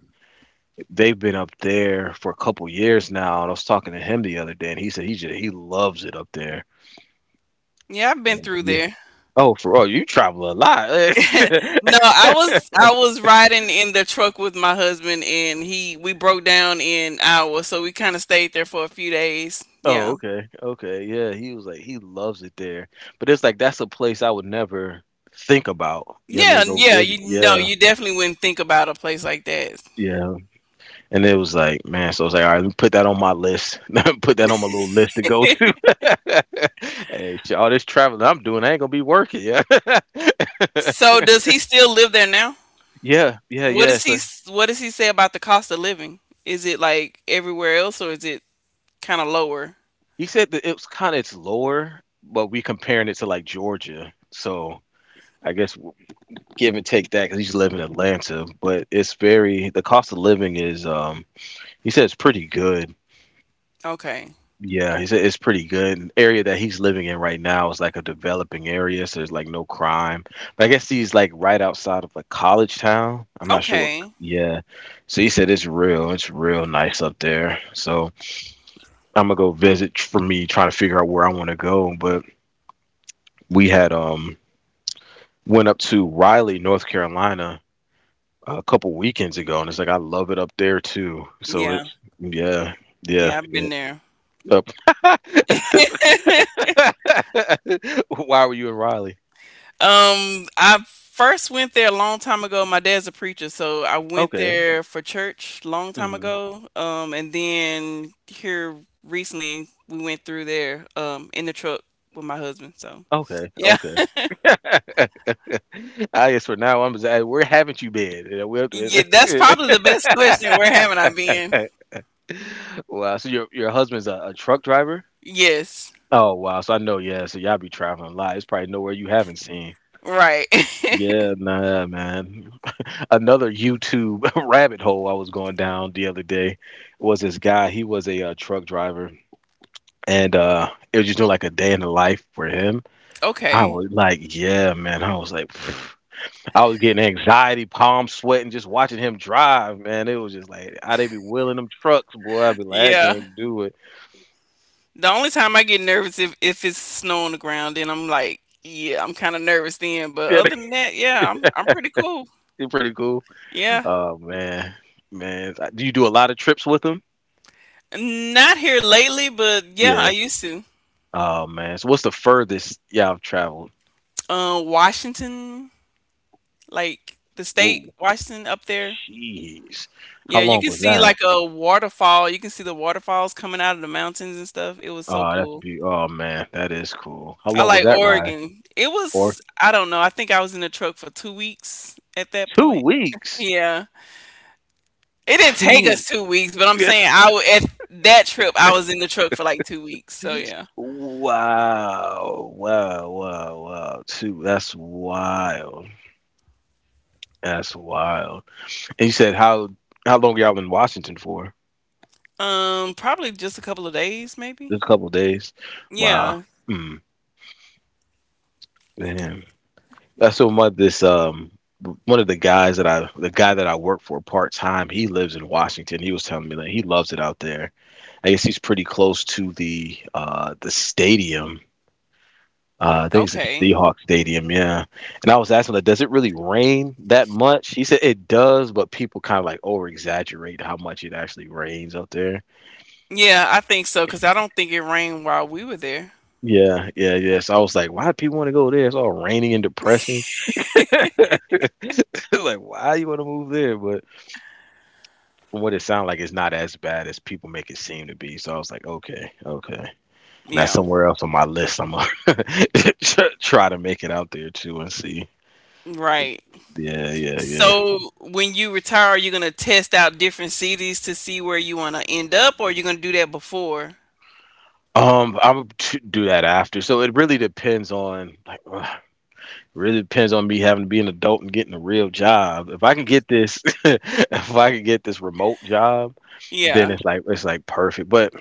They've been up there for a couple years now. And I was talking to him the other day, and he said he loves it up there.
Yeah, I've been through
Yeah.
there.
Oh, for oh, you travel a lot.
No, I was riding in the truck with my husband and he we broke down in Iowa, so we kind of stayed there for a few days.
Oh,
Yeah.
okay, okay, yeah. He was like, he loves it there, but it's like that's a place I would never think about. Yeah, I mean,
Yeah,
go
yeah,
visit.
you know,
Yeah,
you definitely wouldn't think about a place like that.
yeah. And it was like, man, so I was like, all right, let me put that on my list. Put that on my little list to go to. Hey, shit, all this traveling I'm doing, I ain't gonna be working. Yeah,
So does he still live there now?
yeah, yeah, yeah. So
What does he say about the cost of living? Is it like everywhere else or is it kind of lower?
he said that it was kind of it's lower, but we comparing it to like Georgia, so. I guess give and take that because he's living in Atlanta, but it's very the cost of living is he said it's pretty good.
Okay.
Yeah, he said it's pretty good. An area that he's living in right now is like a developing area, so there's like no crime. But I guess he's like right outside of like college town. I'm not sure what.
Okay.
Yeah, so he said it's real. It's real nice up there. So I'm gonna go visit for me trying to figure out where I want to go. But we had went up to Raleigh, North Carolina, a couple weekends ago, and it's like I love it up there too. So it,
Yeah.
yeah, yeah,
Yeah, I've
yeah.
been there.
Up. Why were you in Raleigh?
I first went there a long time ago. My dad's a preacher, so I went
Okay.
there for church long time
Hmm.
ago. And then here recently we went through there in the truck with my husband. So
Okay.
yeah,
Okay. I guess for now I'm. Just like, where haven't you been? You
yeah, that's
we'll-
probably the best question. Where haven't I been?
wow. So your husband's a truck driver.
Yes,
Oh wow. So I know. Yeah. So y'all be traveling a lot. It's probably nowhere you haven't seen.
right.
Yeah, nah, man. Another YouTube rabbit hole I was going down the other day was this guy. He was a truck driver, and it was just doing like a day in the life for him. I
Okay.
was like, yeah, man. I was getting anxiety, palm sweating, just watching him drive, man. It was just like, how they be wheeling them trucks, boy. I'd be like, I
Yeah.
can't do it.
The only time I get nervous if it's snow on the ground, then I'm like, yeah, I'm kind of nervous then. But
Yeah,
other than that, yeah, I'm pretty cool.
they're pretty cool.
Yeah.
Oh, man. Man, do you do a lot of trips with them?
Not here lately, but yeah,
Yeah.
I used to.
Oh man. So what's the furthest y'all have traveled?
Washington, like the state,
Whoa,
Washington up there.
jeez. How
Yeah, you
long
can
was
see like
that?
a waterfall. You can see the waterfalls coming out of the mountains and stuff. It was so
That's
cool.
be. Oh man, that is cool. How
I
long was
like
that ride?
Oregon. It
Or
was, I don't know, I think I was in the truck for 2 weeks at that
two
point.
weeks?
Yeah. It didn't take
Two.
us 2 weeks, but I'm saying at that trip I was in the truck for like 2 weeks. So yeah.
Wow, wow, wow, wow. Two. That's wild. That's wild. And you said how long y'all in Washington for?
Probably just a couple of days, maybe.
Just a couple days. Wow.
Yeah.
Mm, man. That's what my this one of the guys that I The guy that I work for part time, he lives in Washington. He was telling me that he loves it out there. I guess he's pretty close to the stadium. I think it's the
Okay.
Seahawks stadium, yeah. And I was asking, like, does it really rain that much? He said it does, but people kind of like over exaggerate how much it actually rains out there.
Yeah, I think so because I don't think it rained while we were there.
Yeah, yeah, yeah. So I was like, why do people want to go there? It's all raining and depressing. Like, why you want to move there? But from what it sounds like, it's not as bad as people make it seem to be. So I was like, okay, okay. And that's
Yeah,
somewhere else on my list. I'm gonna try to make it out there too and see.
right.
Yeah, yeah, yeah.
So when you retire, you're gonna test out different cities to see where you wanna end up, or you're gonna do that before?
I will to do that after. So it really depends on really depends on me having to be an adult and getting a real job. If I can get this, if I can get this remote job, then
Yeah.
it's like perfect. But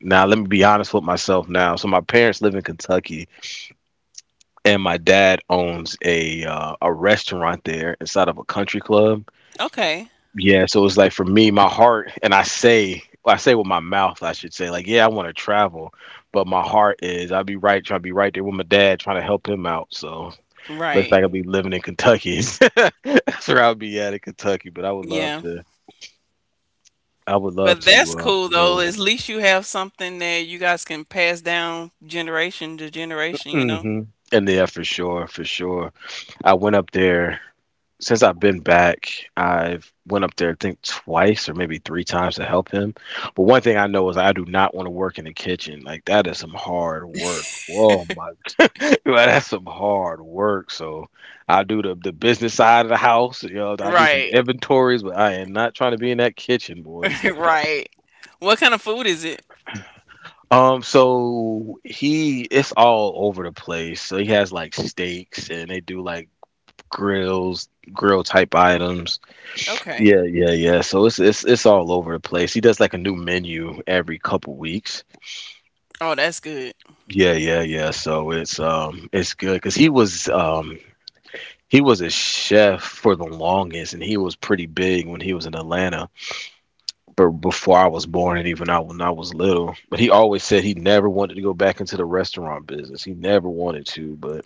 now let me be honest with myself now. So my parents live in Kentucky, and my dad owns a restaurant there inside of a country club.
Okay.
Yeah, so it's like for me, my heart, and I say with my mouth, I should say, like, yeah, I want to travel, but my heart is, I'll be right, trying to be right there with my dad, trying to help him out. So looks
Right.
like I'll be living in Kentucky. That's where I'll be at in Kentucky, but I would love
Yeah.
to, I would love
But
to
that's cool though.
move.
At least you have something that you guys can pass down generation to generation, you know?
Hmm. And yeah, for sure, for sure. I went up there since I've been back, I've went up there I think twice or maybe three times to help him. But one thing I know is I do not want to work in the kitchen. Like that is some hard work. Whoa, my. Like, that's some hard work. So I do the business side of the house. You know, I do some
Right.
inventories, but I am not trying to be in that kitchen, boy.
Right. What kind of food is it?
So he, it's all over the place. So he has like steaks and they do like grill type items.
Okay.
Yeah, yeah, yeah. So it's all over the place. He does like a new menu every couple weeks.
Oh, that's good.
Yeah, yeah, yeah. So it's good because he was a chef for the longest, and he was pretty big when he was in Atlanta, but before I was born, and even out when I was little. But he always said he never wanted to go back into the restaurant business. He never wanted to, but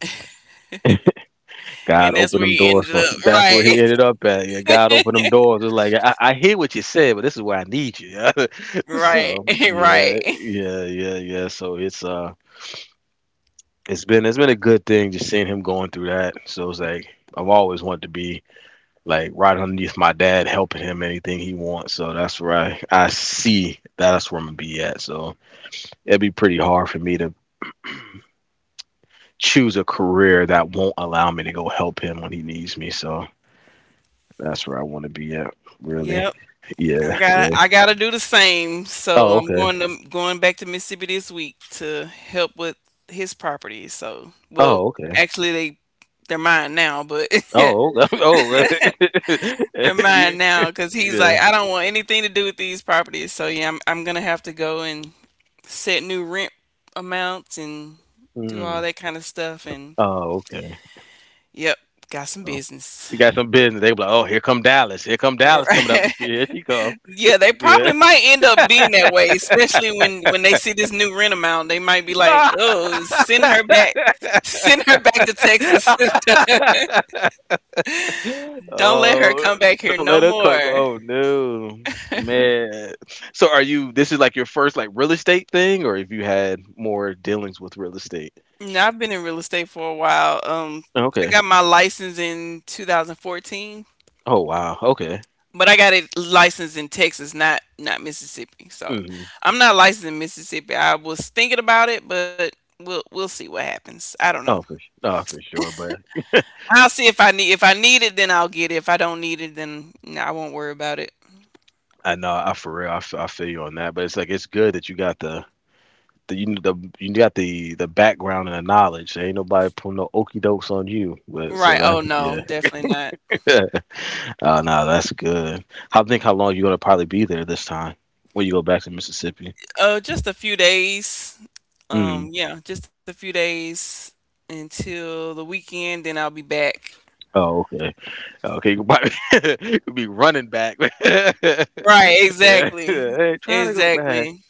God
And that's
opened
where
them
you
doors
ended
for
up.
him. That's
Right.
where he ended up at. Yeah, God opened them doors. It's like I hear what you said, but this is where I need you.
Right,
So yeah,
right.
yeah, yeah, yeah. So it's it's been a good thing just seeing him going through that. So it's like I've always wanted to be like right underneath my dad, helping him anything he wants. So that's where I see, that's where I'm gonna be at. So it'd be pretty hard for me to choose a career that won't allow me to go help him when he needs me. So that's where I want to be at, really.
Yep. I
Yeah,
got
yeah.
I got to do the same. So
Oh,
I'm
okay.
going back to Mississippi this week to help with his property. So, well,
Oh, okay.
actually they're mine now, but
Oh, oh.
they're mine
You.
now cuz he's
Yeah.
like I don't want anything to do with these properties. So, yeah, I'm going to have to go and set new rent amounts and do all
Hmm.
that kind of stuff and
Oh, okay.
yep, got some
Oh.
business.
You got some business. They be like, oh, here come Dallas. Here come Dallas coming up the street. Here she come.
Yeah, they probably might end up being that way, especially when they see this new rent amount. They might be like, "Oh, send her back to
Yeah.
Texas. Don't let her
Oh,
come back here
don't let
no
her come.
more."
Oh no, man. So are you, this is like your first like real estate thing, or have you had more dealings with real estate?
No, I've been in real estate for a while. I
Okay.
got my license in 2014,
Oh wow. Okay.
but I got it licensed in Texas, not Mississippi. So
Hmm.
I'm not licensed in Mississippi. I was thinking about it, but we'll see what happens. I don't know.
Oh for sure. But
I'll see if I need it, then I'll get it. If I don't need it, then nah, I won't worry about it.
I know I for real I feel you on that. But it's like it's good that you got you got the background and the knowledge. There ain't nobody putting no okey dokes on you, but so
Right.
that
Oh
yeah.
no, definitely not.
Oh, no, that's good. I think how long you gonna probably be there this time when you go back to Mississippi.
Just a few days.
Mm.
Yeah, just a few days until the weekend. Then I'll be back.
Oh, okay. Okay, you could probably you could be running back. Yeah,
Right. Exactly.
hey, trying to go back.
Exactly.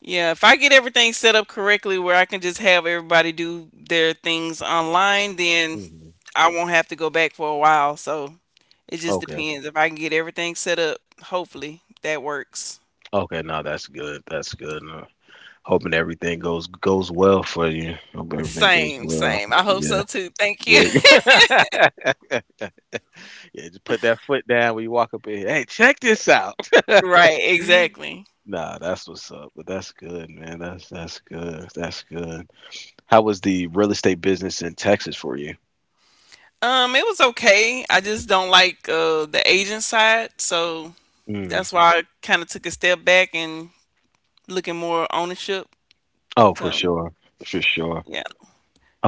Yeah. If I get everything set up correctly, where I can just have everybody do their things online, then
Hmm.
I won't have to go back for a while. So it just
Okay,
depends. If I can get everything set up, hopefully that works.
okay. No, that's good. That's good. No. Hoping everything goes well for you. Hope everything goes
Same,
well.
same. I hope
Yeah,
so too. Thank you.
yeah. Yeah, just put that foot down when you walk up in here. Hey, check this out.
Right, exactly.
Nah, that's what's up. But that's good, man. That's good. That's good. How was the real estate business in Texas for you?
It was okay. I just don't like the agent side, so
Mm.
that's why I kind of took a step back and looking more ownership.
Oh, for
So
sure. For sure.
yeah,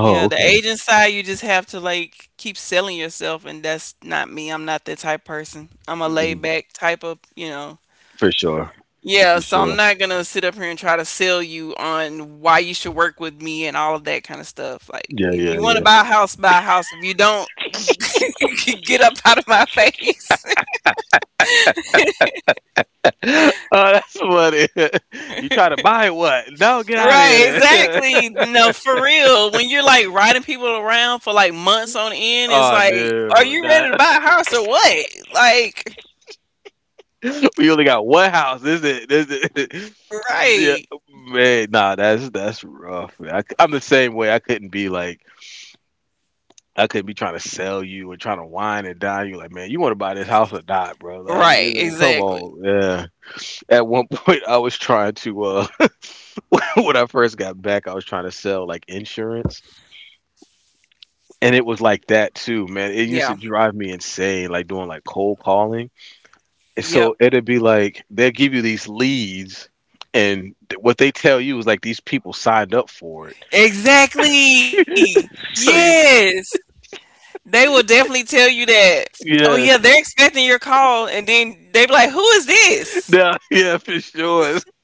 yeah. The
okay.
agent side, you just have to like keep selling yourself, and that's not me. I'm not that type person. I'm a laid
Mm.
back type of, you know.
For sure.
Yeah,
For
so I'm
sure.
not gonna sit up here and try to sell you on why you should work with me and all of that kind of stuff. Like,
Yeah,
if
yeah,
you want to
yeah.
buy a house, buy a house. If you don't, get up out of my face.
Oh, that's funny. You try to buy what? No, get out of
Right,
here then.
exactly. No, for real. When you're like riding people around for like months on end, it's
Oh
like, are
no.
you
Nah.
ready to buy a house or what? Like,
We only got one house, this is it? This is it. Yeah,
right.
man, nah, that's rough, man. Am the same way. I couldn't be like, I could be trying to sell you or trying to wine and dine you. Like, man, you want to buy this house or not, bro? Like,
Right,
it's like, come
exactly.
on. Yeah. At one point, I was trying to, when I first got back, I was trying to sell like insurance. And it was like that too, man. It used to
Yeah.
drive me insane, like doing like cold calling. And so
Yep.
it'd be like, they'll give you these leads. And what they tell you is like these people signed up for it.
Exactly.
So you,
Yes. They will definitely tell you that. Oh yeah,
yeah,
they're expecting your call, and then they be like, "Who is this?"
yeah, yeah, for sure.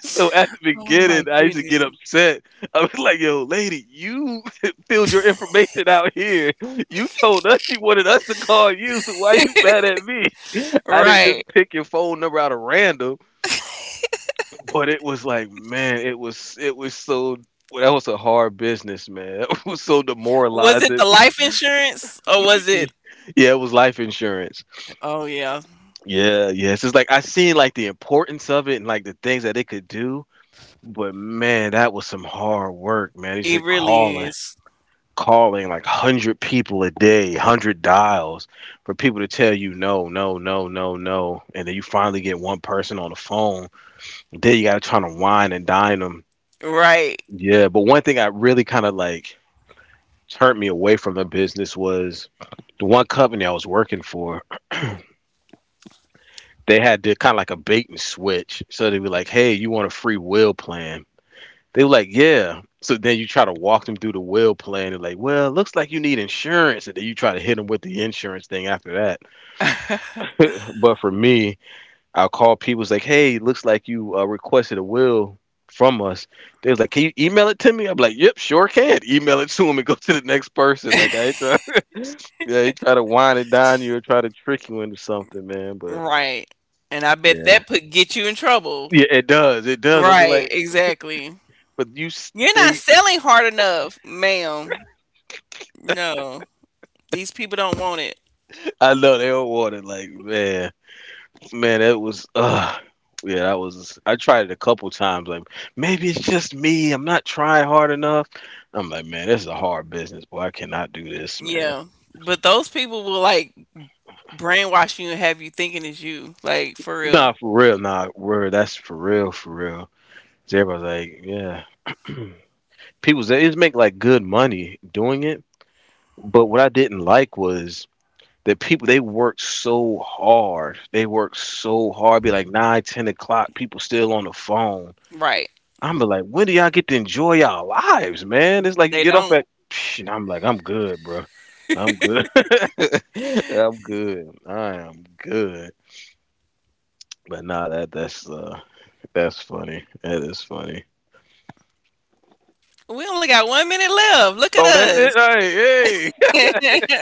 So at the
Oh my
beginning, I used to get
goodness.
upset. I was like, "Yo, lady, you filled your information out here. You told us you wanted us to call you, so why you mad at me? I didn't
Right.
just pick your phone number out of random." But it was like, man, it was so, well, that was a hard business, man. It was so
Was it the life
demoralizing.
insurance or was it?
Yeah, it was life insurance.
Oh yeah,
Yeah, yes. It's like I seen like the importance of it and like the things that it could do. But man, that was some hard work, man.
it really is.
Calling like 100 people a day, 100 dials for people to tell you no, no, no, no, no, and then you finally get one person on the phone. Then you got to try to wine and dine them.
Right.
Yeah, but one thing I really kind of like turned me away from the business was the one company I was working for. They had to kind of like a bait and switch. So they'd be like, "Hey, you want a free will plan?" They were like, yeah. So then you try to walk them through the will plan. They're like, well, it looks like you need insurance. And then you try to hit them with the insurance thing after that. But for me, I'll call people. It's like, hey, looks like you requested a will from us. They was like, can you email it to me? I'm like, yep, sure can. Email it to them and go to the next person. Like, I ain't try, yeah, they try to wind it down you or try to trick you into something, man. But
Right. And I bet
yeah.
that put get you in trouble.
Yeah, it does. It does. I'll be
Right.
like,
Exactly.
but you
You're not
stay.
selling hard enough, ma'am. No, these people don't want it.
I know they don't want it. Like, man. Man, it was yeah, that was, I tried it a couple times. Like maybe it's just me, I'm not trying hard enough. I'm like, man, this is a hard business, boy. I cannot do this, man.
Yeah. But those people will like brainwash you and have you thinking it's you. Like for real.
Nah, for real, nah, word. That's for real, for real. 'Cause everybody's like, yeah. People, they just make like good money doing it. But what I didn't like was that people, they worked so hard. They worked so hard, be like 9, 10 o'clock, people still on the phone.
Right.
I'm like, when do y'all get to enjoy y'all lives, man? It's like you
They
get off
don't.
at, psh, and I'm like, I'm good, bro. I'm good. I'm good. I am good. But nah, that's funny. That is funny.
We only got 1 minute left. Look at
Oh, that's
us.
it. Hey,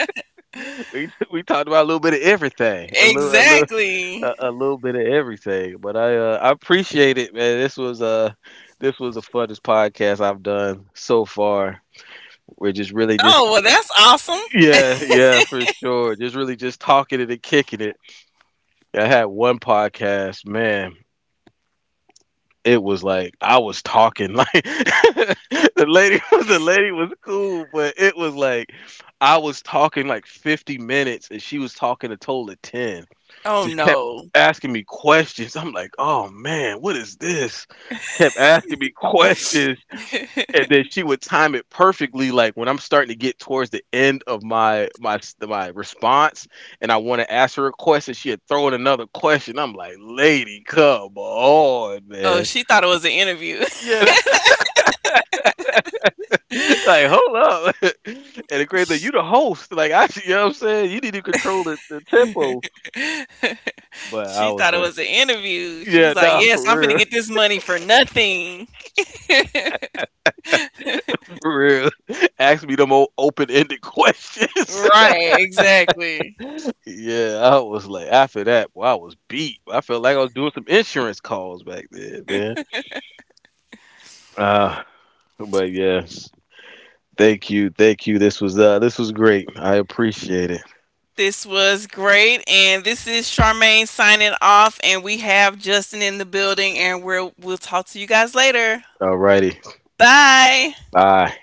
hey. We talked about a little bit of everything,
exactly.
a little bit of everything. But I appreciate it, man. This was the funnest podcast I've done so far. We're just really
Oh well,
just.
that's awesome.
Yeah, yeah, for sure. Just really just talking it and kicking it. I had one podcast, man. It was like I was talking like the lady was the lady was cool, but it was like I was talking like 50 minutes and she was talking a total of 10.
Oh
Just kept
no.
asking me questions. I'm like, "Oh man, what is this?" Kept asking me questions, and then she would time it perfectly like when I'm starting to get towards the end of my response and I want to ask her a question, she'd throw in another question. I'm like, lady, come on,
Oh,
man.
she thought it was an interview.
Yeah. Like, hold up. And the great thing, you, the host, like, I, you know what I'm saying, you need to control the tempo. But I
she
was
thought it
like,
was an interview. She
yeah,
was like,
nah,
"Yes, I'm
for
gonna
real,
get this money for nothing."
for real. Ask me them old open-ended questions.
Right. Exactly.
Yeah, I was like after that, boy, I was beat. I felt like I was doing some insurance calls back then, man. Uh but yeah. Thank you. Thank you. This was great. I appreciate it.
This was great, and this is Charmaine signing off, and we have Justin in the building, and we'll talk to you guys later.
Alrighty.
Bye.
Bye.